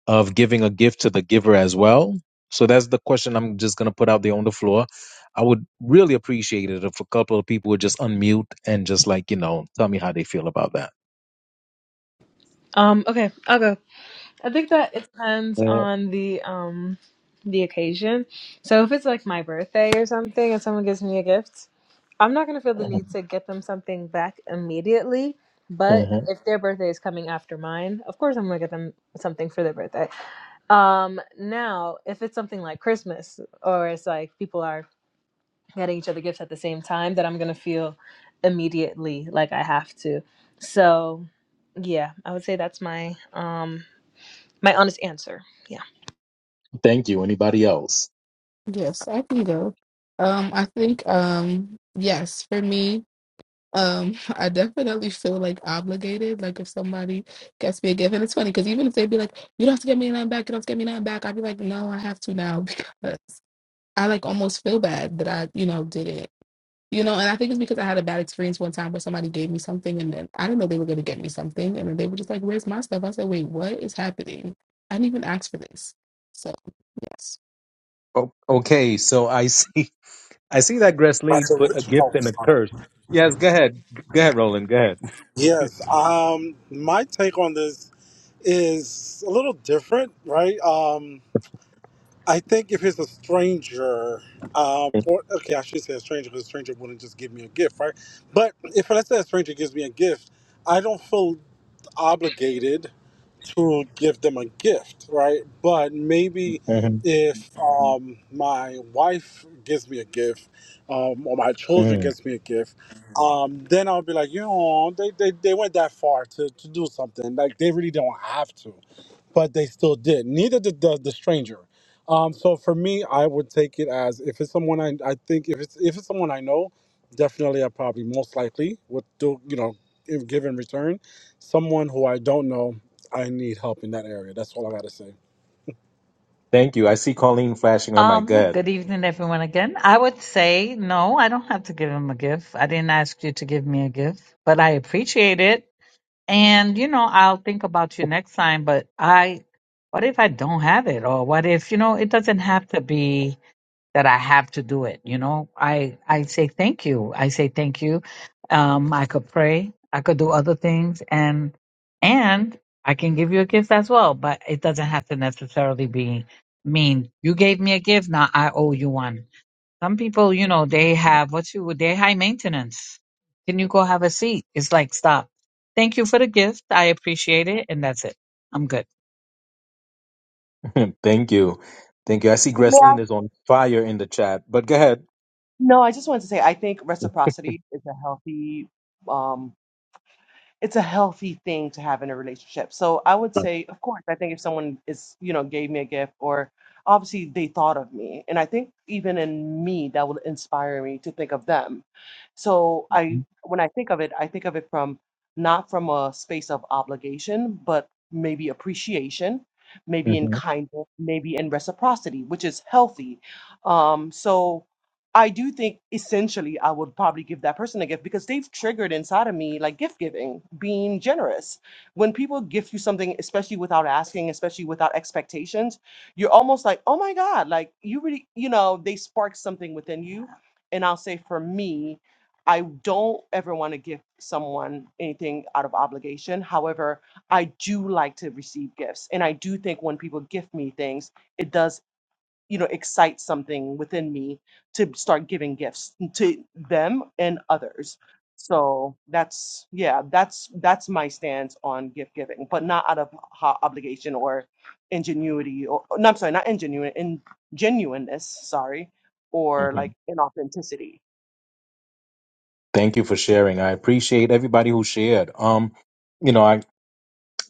of giving a gift to the giver as well? So that's the question I'm just going to put out there on the floor. I would really appreciate it if a couple of people would just unmute and just like, you know, tell me how they feel about that. Um, okay, I'll go. I think that it depends on the um the occasion. So if it's like my birthday or something and someone gives me a gift, I'm not gonna feel the need to get them something back immediately. But Mhm. if their birthday is coming after mine, of course I'm gonna get them something for their birthday. Um now if it's something like Christmas or it's like people are getting each other gifts at the same time, that I'm gonna feel immediately like I have to. So yeah, I would say that's my um my honest answer. Yeah. Thank you. Anybody else? Yes, I can go. Um, I think um, yes, for me, um, I definitely feel like obligated. Like if somebody gets me a gift, and it's funny because even if they'd be like, "You don't have to get me nothing back," you don't have to get me nothing back. I'd be like, "No, I have to now," because I like almost feel bad that I, you know, did it You know, and I think it's because I had a bad experience one time where somebody gave me something and then I didn't know they were going to get me something. And then they were just like, where's my stuff? I said, wait, what is happening? I didn't even ask for this. So, yes. Oh, okay, so I see. I see that That's Gresleen a put a rich gift ritual. and a curse. Yes, go ahead. Go ahead, Roland. Go Yes. Um, my take on this is a little different, right? Um, I think if it's a stranger, um, or okay, I should say a stranger because a stranger wouldn't just give me a gift, right? But if let's say a stranger gives me a gift, I don't feel obligated to give them a gift, right? But maybe ahead. if um, my wife gives me a gift, um, or my children gives me a gift, um, then I'll be like, you know, they, they, they went that far to, to do something. Like they really don't have to but they still did. Neither did the, the stranger. Um, so for me, I would take it as if it's someone I, I think if it's if it's someone I know, definitely I probably most likely would do you know if give in return. Someone who I don't know, I need help in that area. That's all I gotta say. Thank you. I see Colleen flashing her my Um, gut. good evening, everyone. Again, I would say no. I don't have to give him a gift. I didn't ask you to give me a gift, but I appreciate it And you know, I'll think about you next time, but I what if I don't have it? Or what if, you know, it doesn't have to be that I have to do it, you know? I I say thank you. I say thank you. Um I could pray, I could do other things and and I can give you a gift as well, but it doesn't have to necessarily be mean you gave me a gift, now I owe you one some people, you know, they have what you they high maintenance. Can you go have a seat? It's like stop. Thank you for the gift. I appreciate it, and that's it. I'm good. Thank you. Thank you. I see Yeah. Gresleen is on fire in the chat, but go ahead. No, I just wanted to say I think reciprocity is a healthy um it's a healthy thing to have in a relationship. So I would say, of course, I think if someone is, you know, gave me a gift or obviously they thought of me. And I think even in me, that will inspire me to think of them. So I, when I think of it, I think of it from not from a space of obligation, but maybe appreciation, hmm maybe in kindness, maybe in reciprocity, which is healthy. Um, so I do think essentially I would probably give that person a gift because they've triggered inside of me like gift giving, being generous. When people gift you something, especially without asking, especially without expectations, you're almost like, oh my God, like you really, you know, they spark something within you. And I'll say for me, I don't ever want to give someone anything out of obligation. However, I do like to receive gifts. And I do think when people gift me things, it does you know excite something within me to start giving gifts to them and others so that's yeah that's that's my stance on gift giving but not out of ho- obligation or ingenuity or no i'm sorry not ingenuine in genuineness sorry or hmm like inauthenticity Thank you for sharing. I appreciate everybody who shared. Um, you know, I.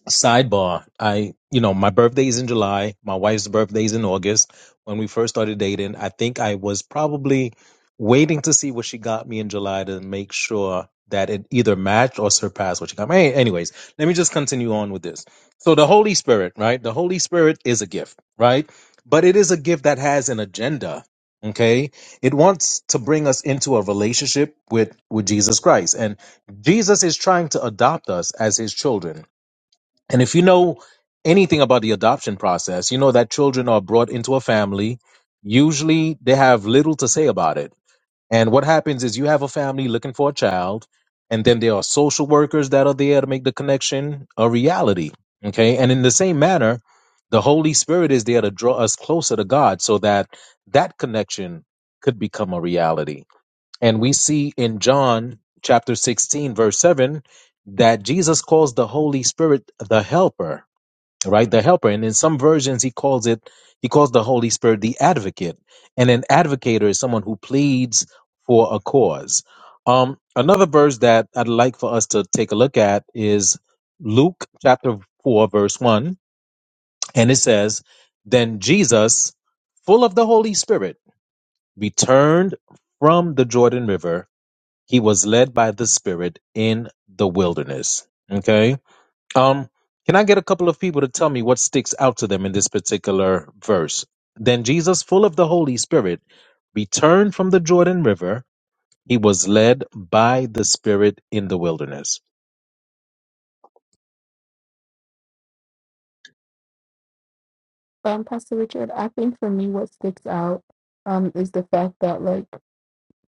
Sidebar, I, you know, my birthday is in July. My wife's birthday is in August. When we first started dating, I think I was probably waiting to see what she got me in July to make sure that it either matched or surpassed what she got me. Any- Anyways, let me just continue on with this. So the Holy Spirit, right? The Holy Spirit is a gift, right? But it is a gift that has an agenda. Okay. It wants to bring us into a relationship with, with Jesus Christ. And Jesus is trying to adopt us as his children and if you know anything about the adoption process, you know that children are brought into a family. Usually they have little to say about it. And what happens is you have a family looking for a child, and then there are social workers that are there to make the connection a reality. Okay. And in the same manner, the Holy Spirit is there to draw us closer to God so that that connection could become a reality. And we see in John chapter 16, verse 7, that Jesus calls the Holy Spirit the helper, right? The helper. And in some versions, he calls it, he calls the Holy Spirit the advocate. And an advocator is someone who pleads for a cause. Um, another verse that I'd like for us to take a look at is Luke chapter 4, verse 1. And it says, Then Jesus, full of the Holy Spirit, returned from the Jordan River he was led by the Spirit in the wilderness. Okay. Um, can I get a couple of people to tell me what sticks out to them in this particular verse? Then Jesus, full of the Holy Spirit, returned from the Jordan River he was led by the Spirit in the wilderness. Um, Pastor Richard, I think for me, what sticks out um, is the fact that, like,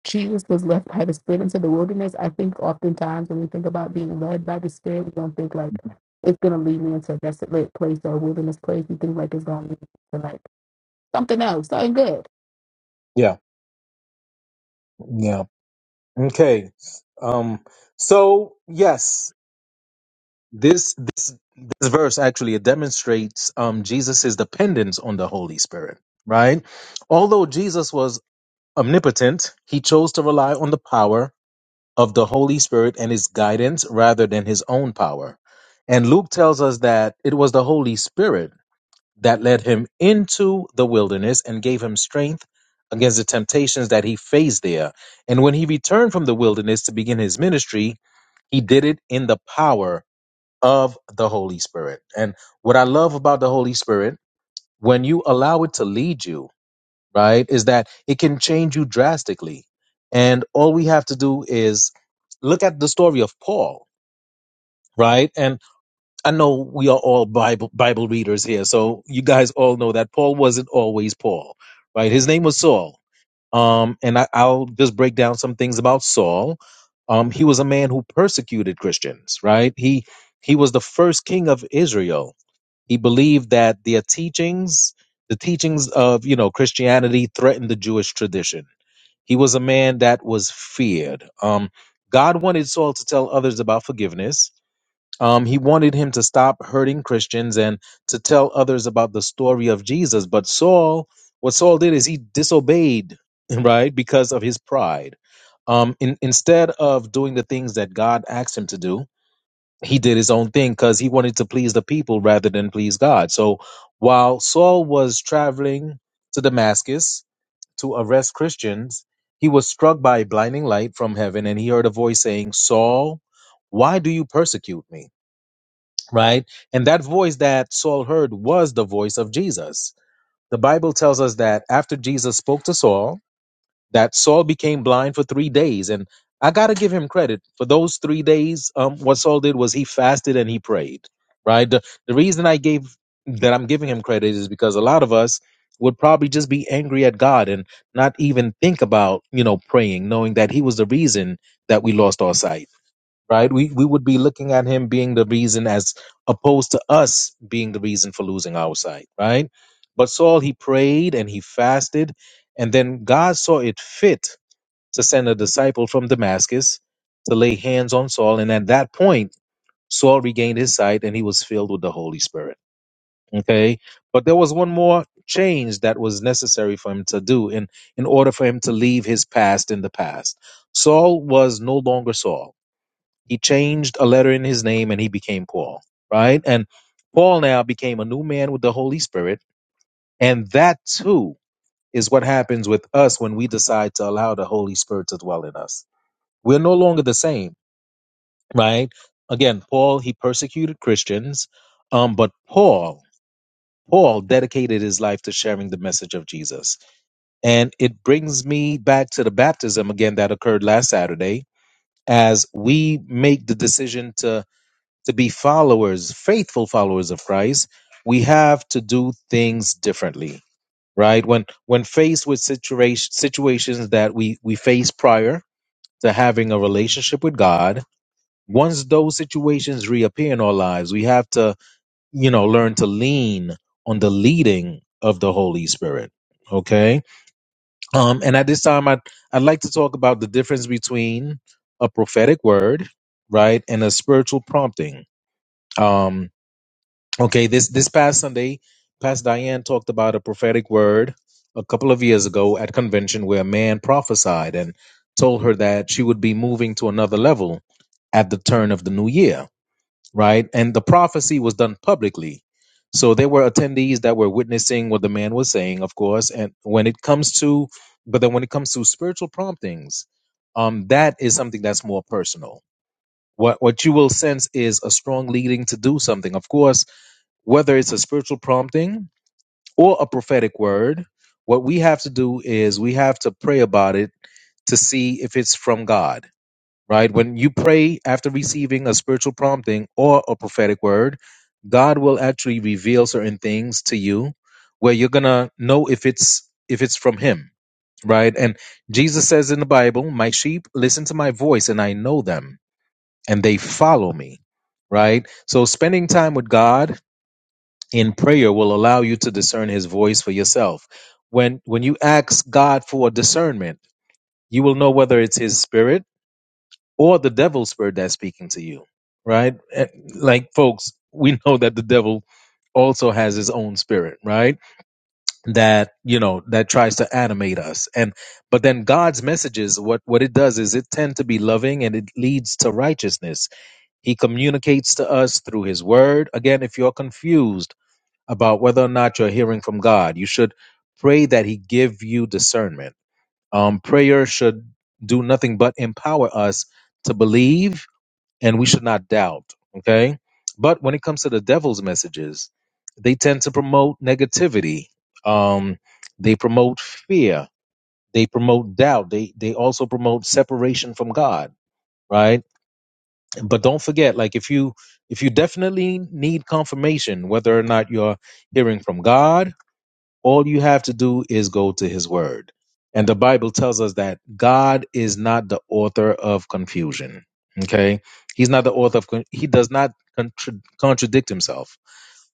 Jesus was left by the Spirit into the wilderness. I think oftentimes when we think about being led by the Spirit, we don't think, like, it's going to lead me into a desolate place or a wilderness place. We think, like, it's going to lead me to, like, something else, something good. Yeah, yeah. Okay. Um, so yes. This this this verse actually it demonstrates um Jesus's dependence on the Holy Spirit, right? Although Jesus was omnipotent, he chose to rely on the power of the Holy Spirit and his guidance rather than his own power. And Luke tells us that it was the Holy Spirit that led him into the wilderness and gave him strength against the temptations that he faced there. And when he returned from the wilderness to begin his ministry, he did it in the power of the Holy Spirit. And what I love about the Holy Spirit, when you allow it to lead you, right, is that it can change you drastically. And all we have to do is look at the story of Paul, right? And I know we are all Bible Bible readers here, so you guys all know that Paul wasn't always Paul, right? His name was Saul. Um, and I, I'll just break down some things about Saul. Um, he was a man who persecuted Christians, right? He he was the first king of Israel he believed that their teachings, the teachings of you know Christianity, threatened the Jewish tradition. He was a man that was feared. Um, God wanted Saul to tell others about forgiveness. Um, he wanted him to stop hurting Christians and to tell others about the story of Jesus. But Saul, what Saul did is he disobeyed, right, because of his pride. Um, in, instead of doing the things that God asked him to do, he did his own thing because he wanted to please the people rather than please God. So while Saul was traveling to Damascus to arrest Christians, he was struck by a blinding light from heaven and he heard a voice saying, Saul, why do you persecute me? Right? And that voice that Saul heard was the voice of Jesus. The Bible tells us that after Jesus spoke to Saul, that Saul became blind for three days. And I got to give him credit for those three days. Um, what Saul did was he fasted and he prayed, right? The, the reason I gave that I'm giving him credit is because a lot of us would probably just be angry at God and not even think about, you know, praying, knowing that he was the reason that we lost our sight right? We we would be looking at him being the reason as opposed to us being the reason for losing our sight, right? But Saul he prayed and he fasted, and then God saw it fit to send a disciple from Damascus to lay hands on Saul, and at that point Saul regained his sight and he was filled with the Holy Spirit. Okay, but there was one more change that was necessary for him to do in in order for him to leave his past in the past. Saul was no longer Saul he changed a letter in his name and he became Paul, right? And Paul now became a new man with the Holy Spirit. And that too is what happens with us when we decide to allow the Holy Spirit to dwell in us. We're no longer the same, right? Again, Paul, he persecuted Christians, um, but Paul, Paul dedicated his life to sharing the message of Jesus. And it brings me back to the baptism again that occurred last Saturday as we make the decision to to be followers, faithful followers of Christ, we have to do things differently, right? When when faced with situation, situations that we we faced prior to having a relationship with God, once those situations reappear in our lives, we have to, you know, learn to lean on the leading of the Holy Spirit. Okay? Um and at this time I would I'd I'd like to talk about the difference between a prophetic word, right, and a spiritual prompting. Um Okay, this this past Sunday, Pastor Diane talked about a prophetic word a couple of years ago at convention where a man prophesied and told her that she would be moving to another level at the turn of the new year, right? And the prophecy was done publicly. So there were attendees that were witnessing what the man was saying, of course, and when it comes to but then when it comes to spiritual promptings, um that is something that's more personal. What what you will sense is a strong leading to do something. Of course, whether it's a spiritual prompting or a prophetic word, what we have to do is we have to pray about it to see if it's from God, right? When you pray after receiving a spiritual prompting or a prophetic word, God will actually reveal certain things to you where you're going to know if it's if it's from him, right? And Jesus says in the Bible, "My sheep listen to my voice and I know them and they follow me." Right? So spending time with God in prayer will allow you to discern his voice for yourself when when you ask god for discernment you will know whether it's his spirit or the devil's spirit that's speaking to you right Eh, like folks we know that the devil also has his own spirit right that you know that tries to animate us and but then god's messages what what it does is it tend to be loving and it leads to righteousness he communicates to us through his word again if you're confused about whether or not you're hearing from God. You should pray that He give you discernment. Um, prayer should do nothing but empower us to believe, and we should not doubt. Okay, but when it comes to the devil's messages, they tend to promote negativity. Um, they promote fear. They promote doubt. They they also promote separation from God. Right, but don't forget, like if you if you definitely need confirmation whether or not you're hearing from God all you have to do is go to his word. And the Bible tells us that God is not the author of confusion. Okay? He's not the author of con- he does not contra- contradict himself.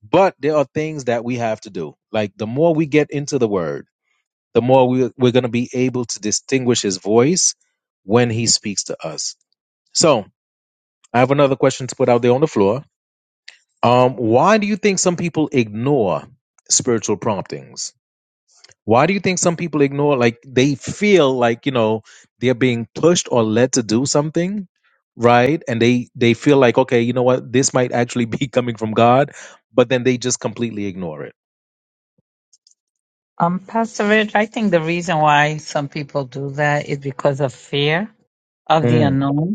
But there are things that we have to do. Like the more we get into the word, the more we, we're going to be able to distinguish his voice when he speaks to us. So, I have another question to put out there on the floor. Um, why do you think some people ignore spiritual promptings? Why do you think some people ignore, like, they feel like, you know, they're being pushed or led to do something, right? And they, they feel like, okay, you know what, this might actually be coming from God, but then they just completely ignore it. Um, Pastor Rich, I think the reason why some people do that is because of fear of the Mm, unknown.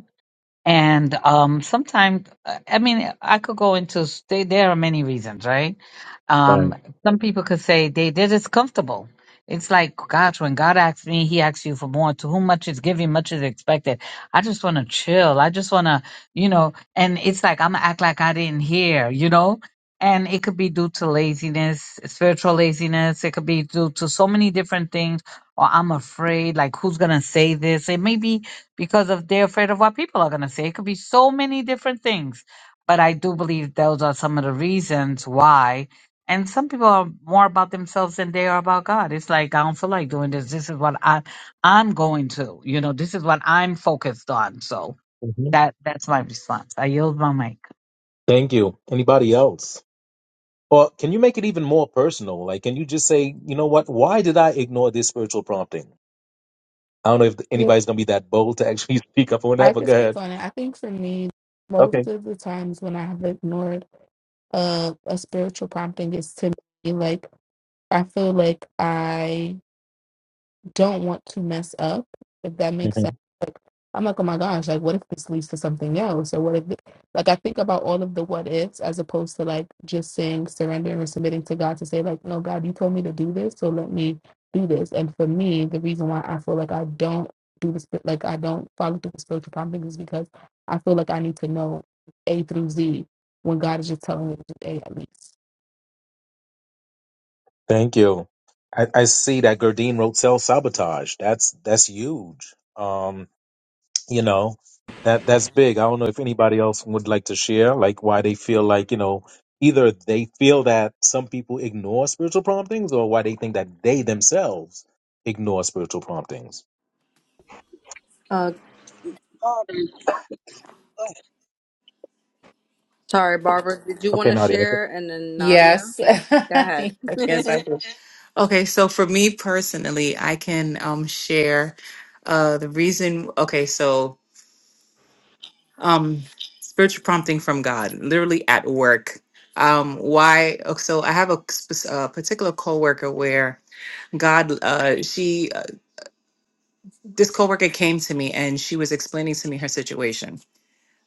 And um, sometimes, I mean, I could go into they, there are many reasons, right? right. Um, some people could say they they're just comfortable. It's like, gosh, when God asks me, He asks you for more. To whom much is given, much is expected. I just want to chill. I just want to, you know. And it's like I'm gonna act like I didn't hear, you know. And it could be due to laziness, spiritual laziness. It could be due to so many different things. Or I'm afraid, like, who's gonna say this? It may be because of they're afraid of what people are going to say. It could be so many different things, but I do believe those are some of the reasons why. And some people are more about themselves than they are about God. It's like I don't feel like doing this. This is what I I'm going to. You know, this is what I'm focused on. So hmm that that's my response. I yield my mic. Thank you. Anybody else? Or can you make it even more personal? Like, can you just say, you know what, why did I ignore this spiritual prompting? I don't know if anybody's going to be that bold to actually speak up on I that, but can go speak ahead. on it. I think for me, most Okay. of the times when I have ignored uh, a spiritual prompting is to me like I feel like I don't want to mess up, if that makes sense. Like, I'm like, oh my gosh, like, what if this leads to something else? Or what if, thi- like, I think about all of the what ifs as opposed to like just saying surrendering or submitting to God to say, like, no, God, you told me to do this, so let me do this. And for me, the reason why I feel like I don't do this, like, I don't follow through with spiritual promptings is because I feel like I need to know A through Z when God is just telling me to do A at least. Thank you. I, I see that Gurdine wrote self sabotage. That's that's huge. Um, you know, that that's big. I don't know if anybody else would like to share, like why they feel like you know either they feel that some people ignore spiritual promptings, or why they think that they themselves ignore spiritual promptings. uh sorry Barbara, did you want Okay, to Nadia. share and then Nadia? Yes. Go ahead. Yes, I do. Okay, so for me personally, I can um share uh the reason okay, so um spiritual prompting from God, literally at work. Um why oh, so I have a, sp- a particular coworker where God uh she uh, this coworker came to me and she was explaining to me her situation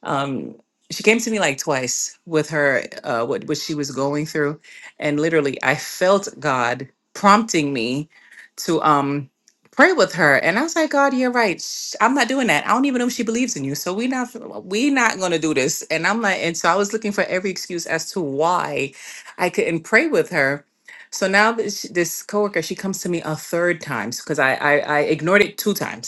um, she came to me like twice with her uh, what what she was going through, and literally I felt God prompting me to um pray with her, and I was like, God, you're right. Sh- I'm not doing that. I don't even know if she believes in you, so we not we not gonna do this. And I'm like, and so I was looking for every excuse as to why I couldn't pray with her. So now this, this coworker, she comes to me a third time because I, I I ignored it two times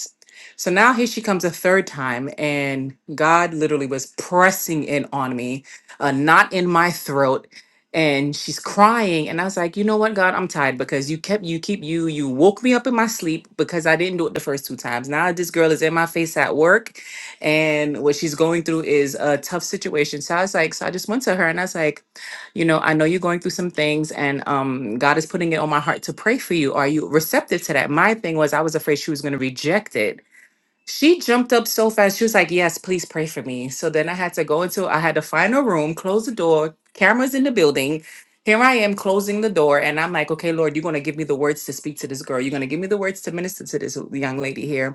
so now here she comes a third time, and God literally was pressing in on me, a knot in my throat, and she's crying. And I was like, you know what, God, I'm tired because you kept you keep you you woke me up in my sleep because I didn't do it the first two times. Now this girl is in my face at work, and what she's going through is a tough situation. So I was like, so I just went to her and I was like, you know, I know you're going through some things, and um, God is putting it on my heart to pray for you. Are you receptive to that? My thing was I was afraid she was going to reject it she jumped up so fast. She was like, Yes, please pray for me. So then I had to go into, I had to find a room, close the door, cameras in the building. Here I am closing the door. And I'm like, Okay, Lord, you're going to give me the words to speak to this girl. You're going to give me the words to minister to this young lady here.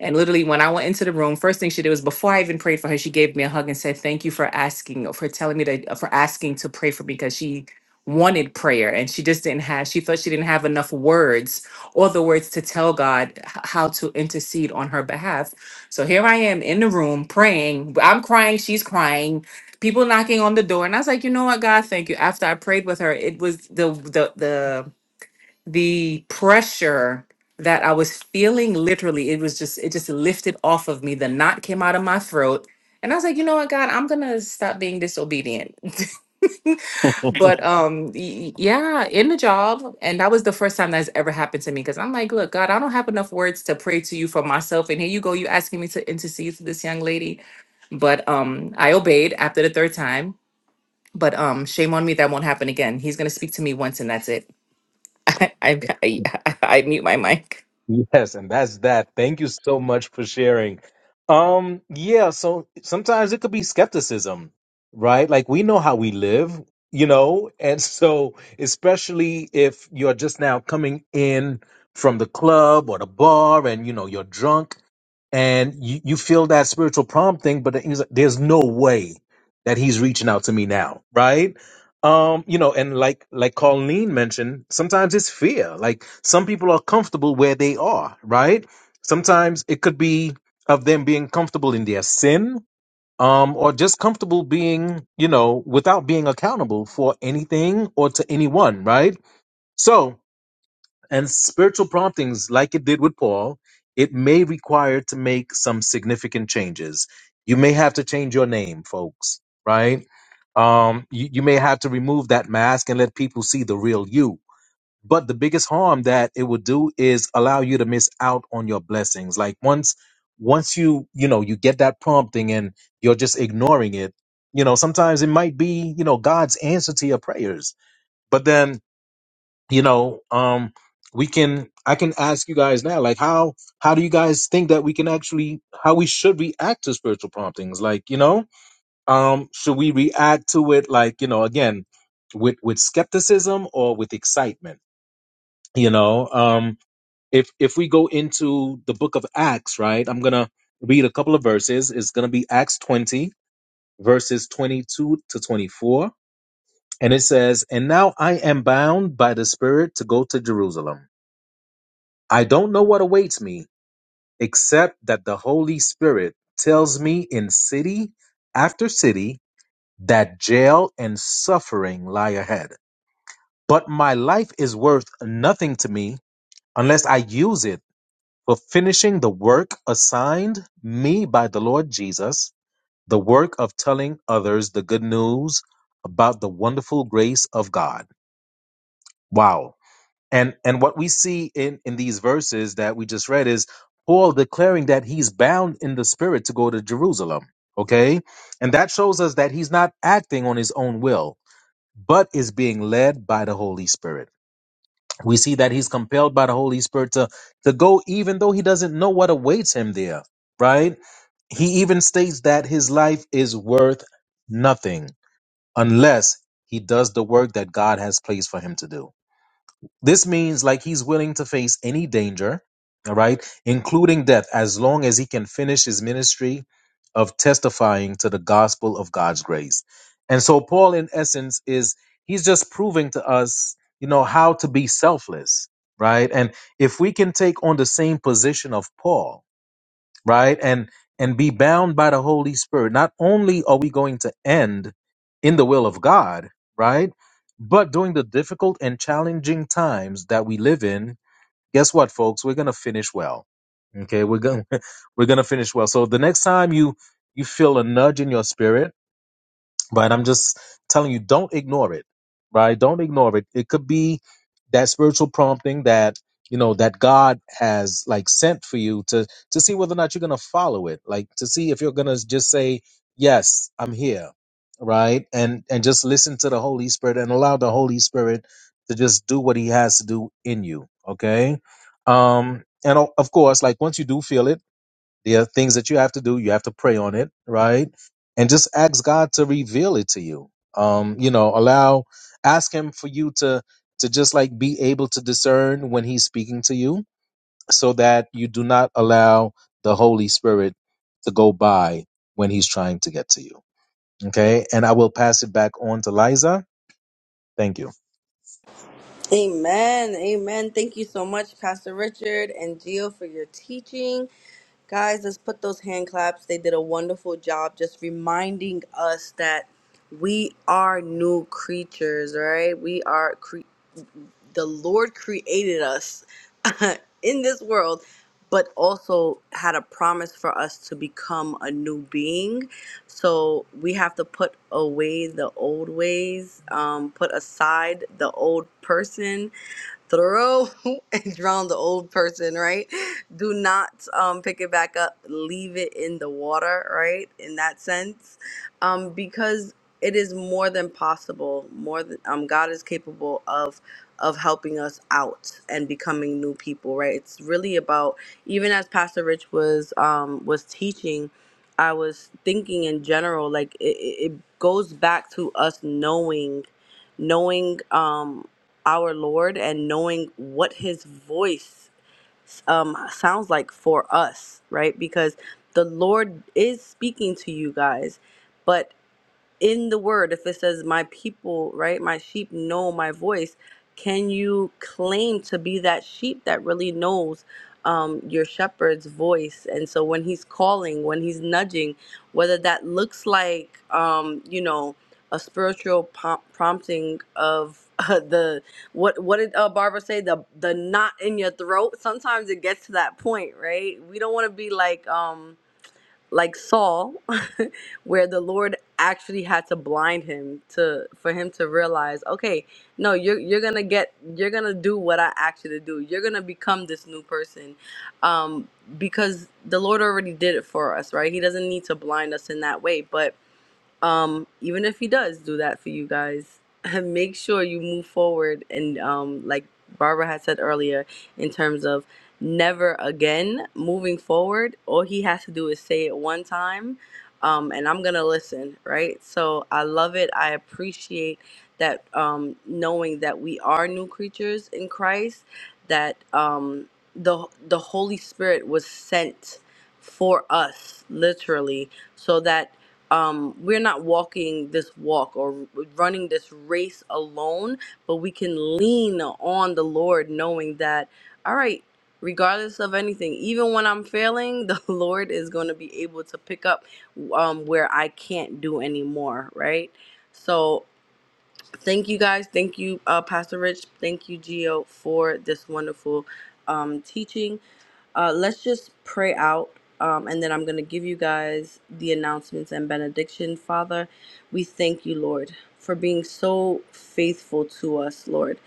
And literally, when I went into the room, first thing she did was before I even prayed for her, she gave me a hug and said, "Thank you for asking, for telling me to, for asking to pray for me," because she wanted prayer and she just didn't have. She thought she didn't have enough words or the words to tell God h- how to intercede on her behalf. So here I am in the room praying. I'm crying. She's crying. People knocking on the door, and I was like, "You know what, God, thank you." After I prayed with her, it was the the the the pressure that I was feeling literally, it was just, it just lifted off of me. The knot came out of my throat. And I was like, you know what, God, I'm gonna stop being disobedient. Okay. But um, y- y- yeah, in the job, and that was the first time that's ever happened to me. Because I'm like, look, God, I don't have enough words to pray to you for myself, and here you go, you asking me to intercede for this young lady. But um, I obeyed after the third time. But um, shame on me, that won't happen again. He's gonna speak to me once, and that's it. I I, I I mute my mic. Yes, and that's that. Thank you so much for sharing. Um, yeah, so sometimes it could be skepticism, right? Like we know how we live, you know, and so especially if you're just now coming in from the club or the bar and you know you're drunk and you, you feel that spiritual prompting, but he's like, there's no way that he's reaching out to me now, right? Um, you know, and like like Colleen mentioned, sometimes it's fear. Like some people are comfortable where they are, right? Sometimes it could be of them being comfortable in their sin, um, or just comfortable being, you know, without being accountable for anything or to anyone, right? So and spiritual promptings, like it did with Paul, it may require to make some significant changes. You may have to change your name, folks, right? Um, you, you may have to remove that mask and let people see the real you. But the biggest harm that it would do is allow you to miss out on your blessings. Like once, once you, you know, you get that prompting and you're just ignoring it, you know, sometimes it might be, you know, God's answer to your prayers. But then you know um we can i can ask you guys now like how how do you guys think that we can actually how we should react to spiritual promptings like you know um should we react to it like you know again with with skepticism or with excitement you know um if if we go into the book of acts right i'm gonna read a couple of verses it's gonna be acts 20 verses 22 to 24 and it says and now i am bound by the spirit to go to jerusalem I don't know what awaits me, except that the Holy Spirit tells me in city after city that jail and suffering lie ahead. But my life is worth nothing to me unless I use it for finishing the work assigned me by the Lord Jesus, the work of telling others the good news about the wonderful grace of God. Wow. And and what we see in in these verses that we just read is Paul declaring that he's bound in the spirit to go to Jerusalem, okay? And that shows us that he's not acting on his own will, but is being led by the Holy Spirit. We see that he's compelled by the Holy Spirit to to go even though he doesn't know what awaits him there, right? He even states that his life is worth nothing unless he does the work that God has placed for him to do. This means like he's willing to face any danger, all right, including death, as long as he can finish his ministry of testifying to the gospel of God's grace. And so Paul, in essence, is he's just proving to us, you know, how to be selfless, right? And if we can take on the same position of Paul, right? And and be bound by the Holy Spirit. Not only are we going to end in the will of God, right? But during the difficult and challenging times that we live in, guess what, folks? We're gonna finish well. Okay, we're gonna we're gonna finish well. So the next time you you feel a nudge in your spirit Right. I'm just telling you, don't ignore it. Right. Don't ignore it. It could be that spiritual prompting that, you know, that God has like sent for you to, to see whether or not you're going to follow it. Like to see if you're going to just say, yes, I'm here. Right. And, and just listen to the Holy Spirit and allow the Holy Spirit to just do what he has to do in you. Okay. Um, and o- of course, like once you do feel it, there are things that you have to do. You have to pray on it, right? And just ask God to reveal it to you. Um, you know, allow, ask Him for you to to just like be able to discern when He's speaking to you, so that you do not allow the Holy Spirit to go by when He's trying to get to you. Okay, and I will pass it back on to Liza. Thank you. Amen. Amen. Thank you so much, Pastor Richard and Gio, for your teaching. Guys, let's put those hand claps. They did a wonderful job just reminding us that we are new creatures, right? We are, cre- the Lord created us in this world, but also had a promise for us to become a new being. So we have to put away the old ways, um, put aside the old person throw and drown the old person, right? Do not um, pick it back up, leave it in the water, right? In that sense, um, because it is more than possible. More than um, God is capable of of helping us out and becoming new people, right? It's really about even as Pastor Rich was um, was teaching. I was thinking in general, like it, it it goes back to us knowing, knowing. Um, our Lord and knowing what His voice um, sounds like for us, right? Because the Lord is speaking to you guys, but in the word if it says my people right my sheep know my voice can you claim to be that sheep that really knows um, your shepherd's voice and so when he's calling when he's nudging whether that looks like um, you know a spiritual pom- prompting of uh, the what what did uh, Barbara say the the knot in your throat sometimes it gets to that point right we don't want to be like um like Saul, where the Lord actually had to blind him to for him to realize, okay, no, you're you're gonna get you're gonna do what I asked you to do. You're gonna become this new person, um, because the Lord already did it for us, right? He doesn't need to blind us in that way, but um, even if he does do that for you guys, make sure you move forward. And um, like Barbara had said earlier, in terms of never again moving forward, all he has to do is say it one time. Um, and I'm gonna listen, right? So I love it. I appreciate that um, knowing that we are new creatures in Christ. That um, the the Holy Spirit was sent for us, literally, so that um, we're not walking this walk or running this race alone, but we can lean on the Lord, knowing that, all right, regardless of anything, even when I'm failing, the Lord is going to be able to pick up um, where I can't do anymore, right? So, thank you guys. Thank you, uh, Pastor Rich. Thank you, Gio, for this wonderful um, teaching. Uh, let's just pray out, um, and then I'm going to give you guys the announcements and benediction. Father, we thank you, Lord, for being so faithful to us, Lord,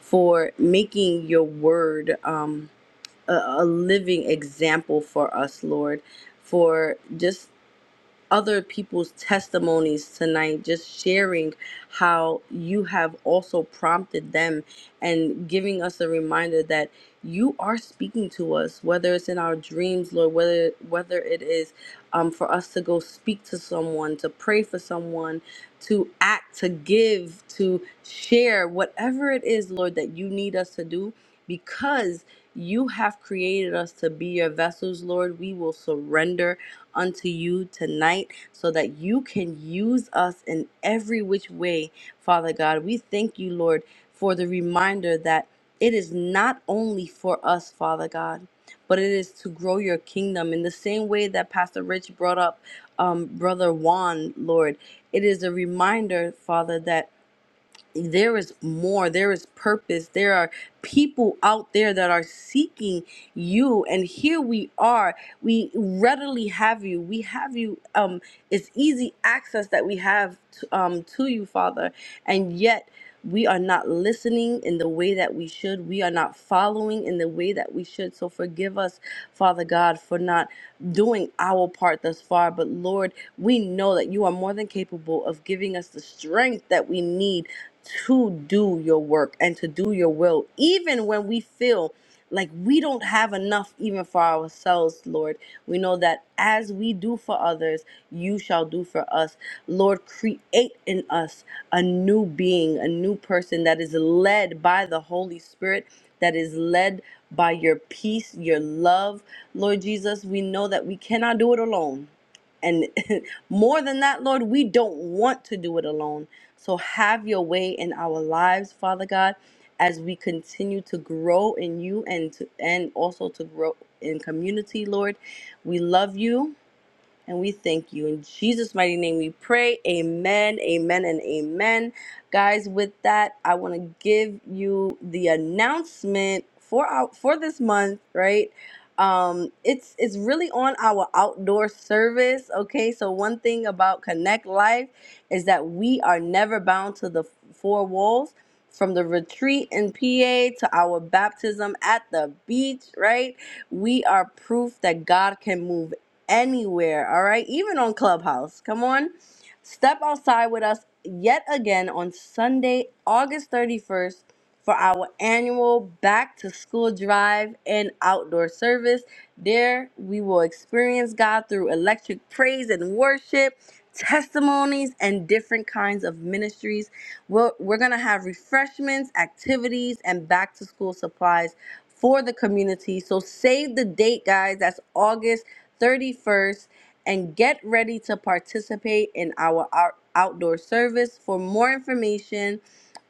for making your word um, a, a living example for us, Lord, for just other people's testimonies tonight, just sharing how you have also prompted them and giving us a reminder that you are speaking to us, whether it's in our dreams, Lord, whether whether it is um, for us to go speak to someone, to pray for someone, to act, to give, to share, whatever it is, Lord, that you need us to do, because you have created us to be your vessels, Lord. We will surrender unto you tonight so that you can use us in every which way, Father God. We thank you, Lord, for the reminder that it is not only for us, Father God, but it is to grow your kingdom in the same way that Pastor Rich brought up um, Brother Juan, Lord. It is a reminder, Father, that there is more there is purpose there are people out there that are seeking you and here we are we readily have you we have you um it's easy access that we have to, um to you father and yet we are not listening in the way that we should we are not following in the way that we should so forgive us father god for not doing our part thus far but lord we know that you are more than capable of giving us the strength that we need to do your work and to do your will, even when we feel like we don't have enough even for ourselves, Lord. We know that as we do for others, you shall do for us. Lord, create in us a new being, a new person that is led by the Holy Spirit, that is led by your peace, your love. Lord Jesus, we know that we cannot do it alone. And more than that, Lord, we don't want to do it alone. So have your way in our lives, Father God, as we continue to grow in you and to, and also to grow in community, Lord. We love you. And we thank you. In Jesus' mighty name we pray. Amen, amen, and amen. Guys, with that, I want to give you the announcement for our, for this month, right? Um, it's it's really on our outdoor service. Okay, so one thing about Connect Life is that we are never bound to the four walls. From the retreat in PA to our baptism at the beach, right? We are proof that God can move anywhere, all right? Even on Clubhouse. Come on. Step outside with us yet again on Sunday, August 31st for our annual back to school drive and outdoor service. There we will experience God through electric praise and worship, testimonies, and different kinds of ministries. We're, we're going to have refreshments, activities, and back to school supplies for the community. So save the date, guys. That's August. 31st, and get ready to participate in our out- outdoor service. For more information,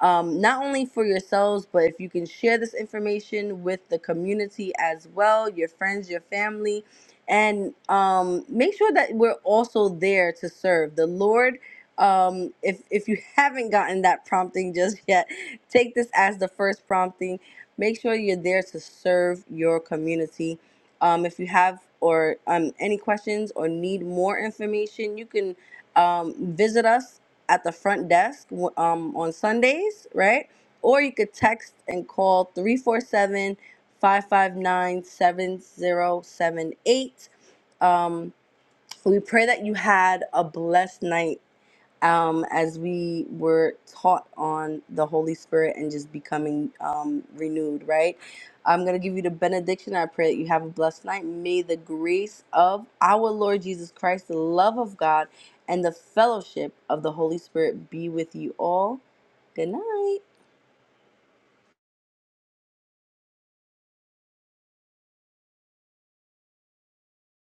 um, not only for yourselves, but if you can share this information with the community as well, your friends, your family, and um, make sure that we're also there to serve. The Lord, um, if, if you haven't gotten that prompting just yet, take this as the first prompting. Make sure you're there to serve your community um, if you have or um, any questions or need more information, you can um, visit us at the front desk w- um, on Sundays, right? Or you could text and call three four seven five five nine seven zero seven eight. 559 We pray that you had a blessed night um, as we were taught on the Holy Spirit and just becoming um, renewed, right? I'm going to give you the benediction. I pray that you have a blessed night. May the grace of our Lord Jesus Christ, the love of God, and the fellowship of the Holy Spirit be with you all. Good night.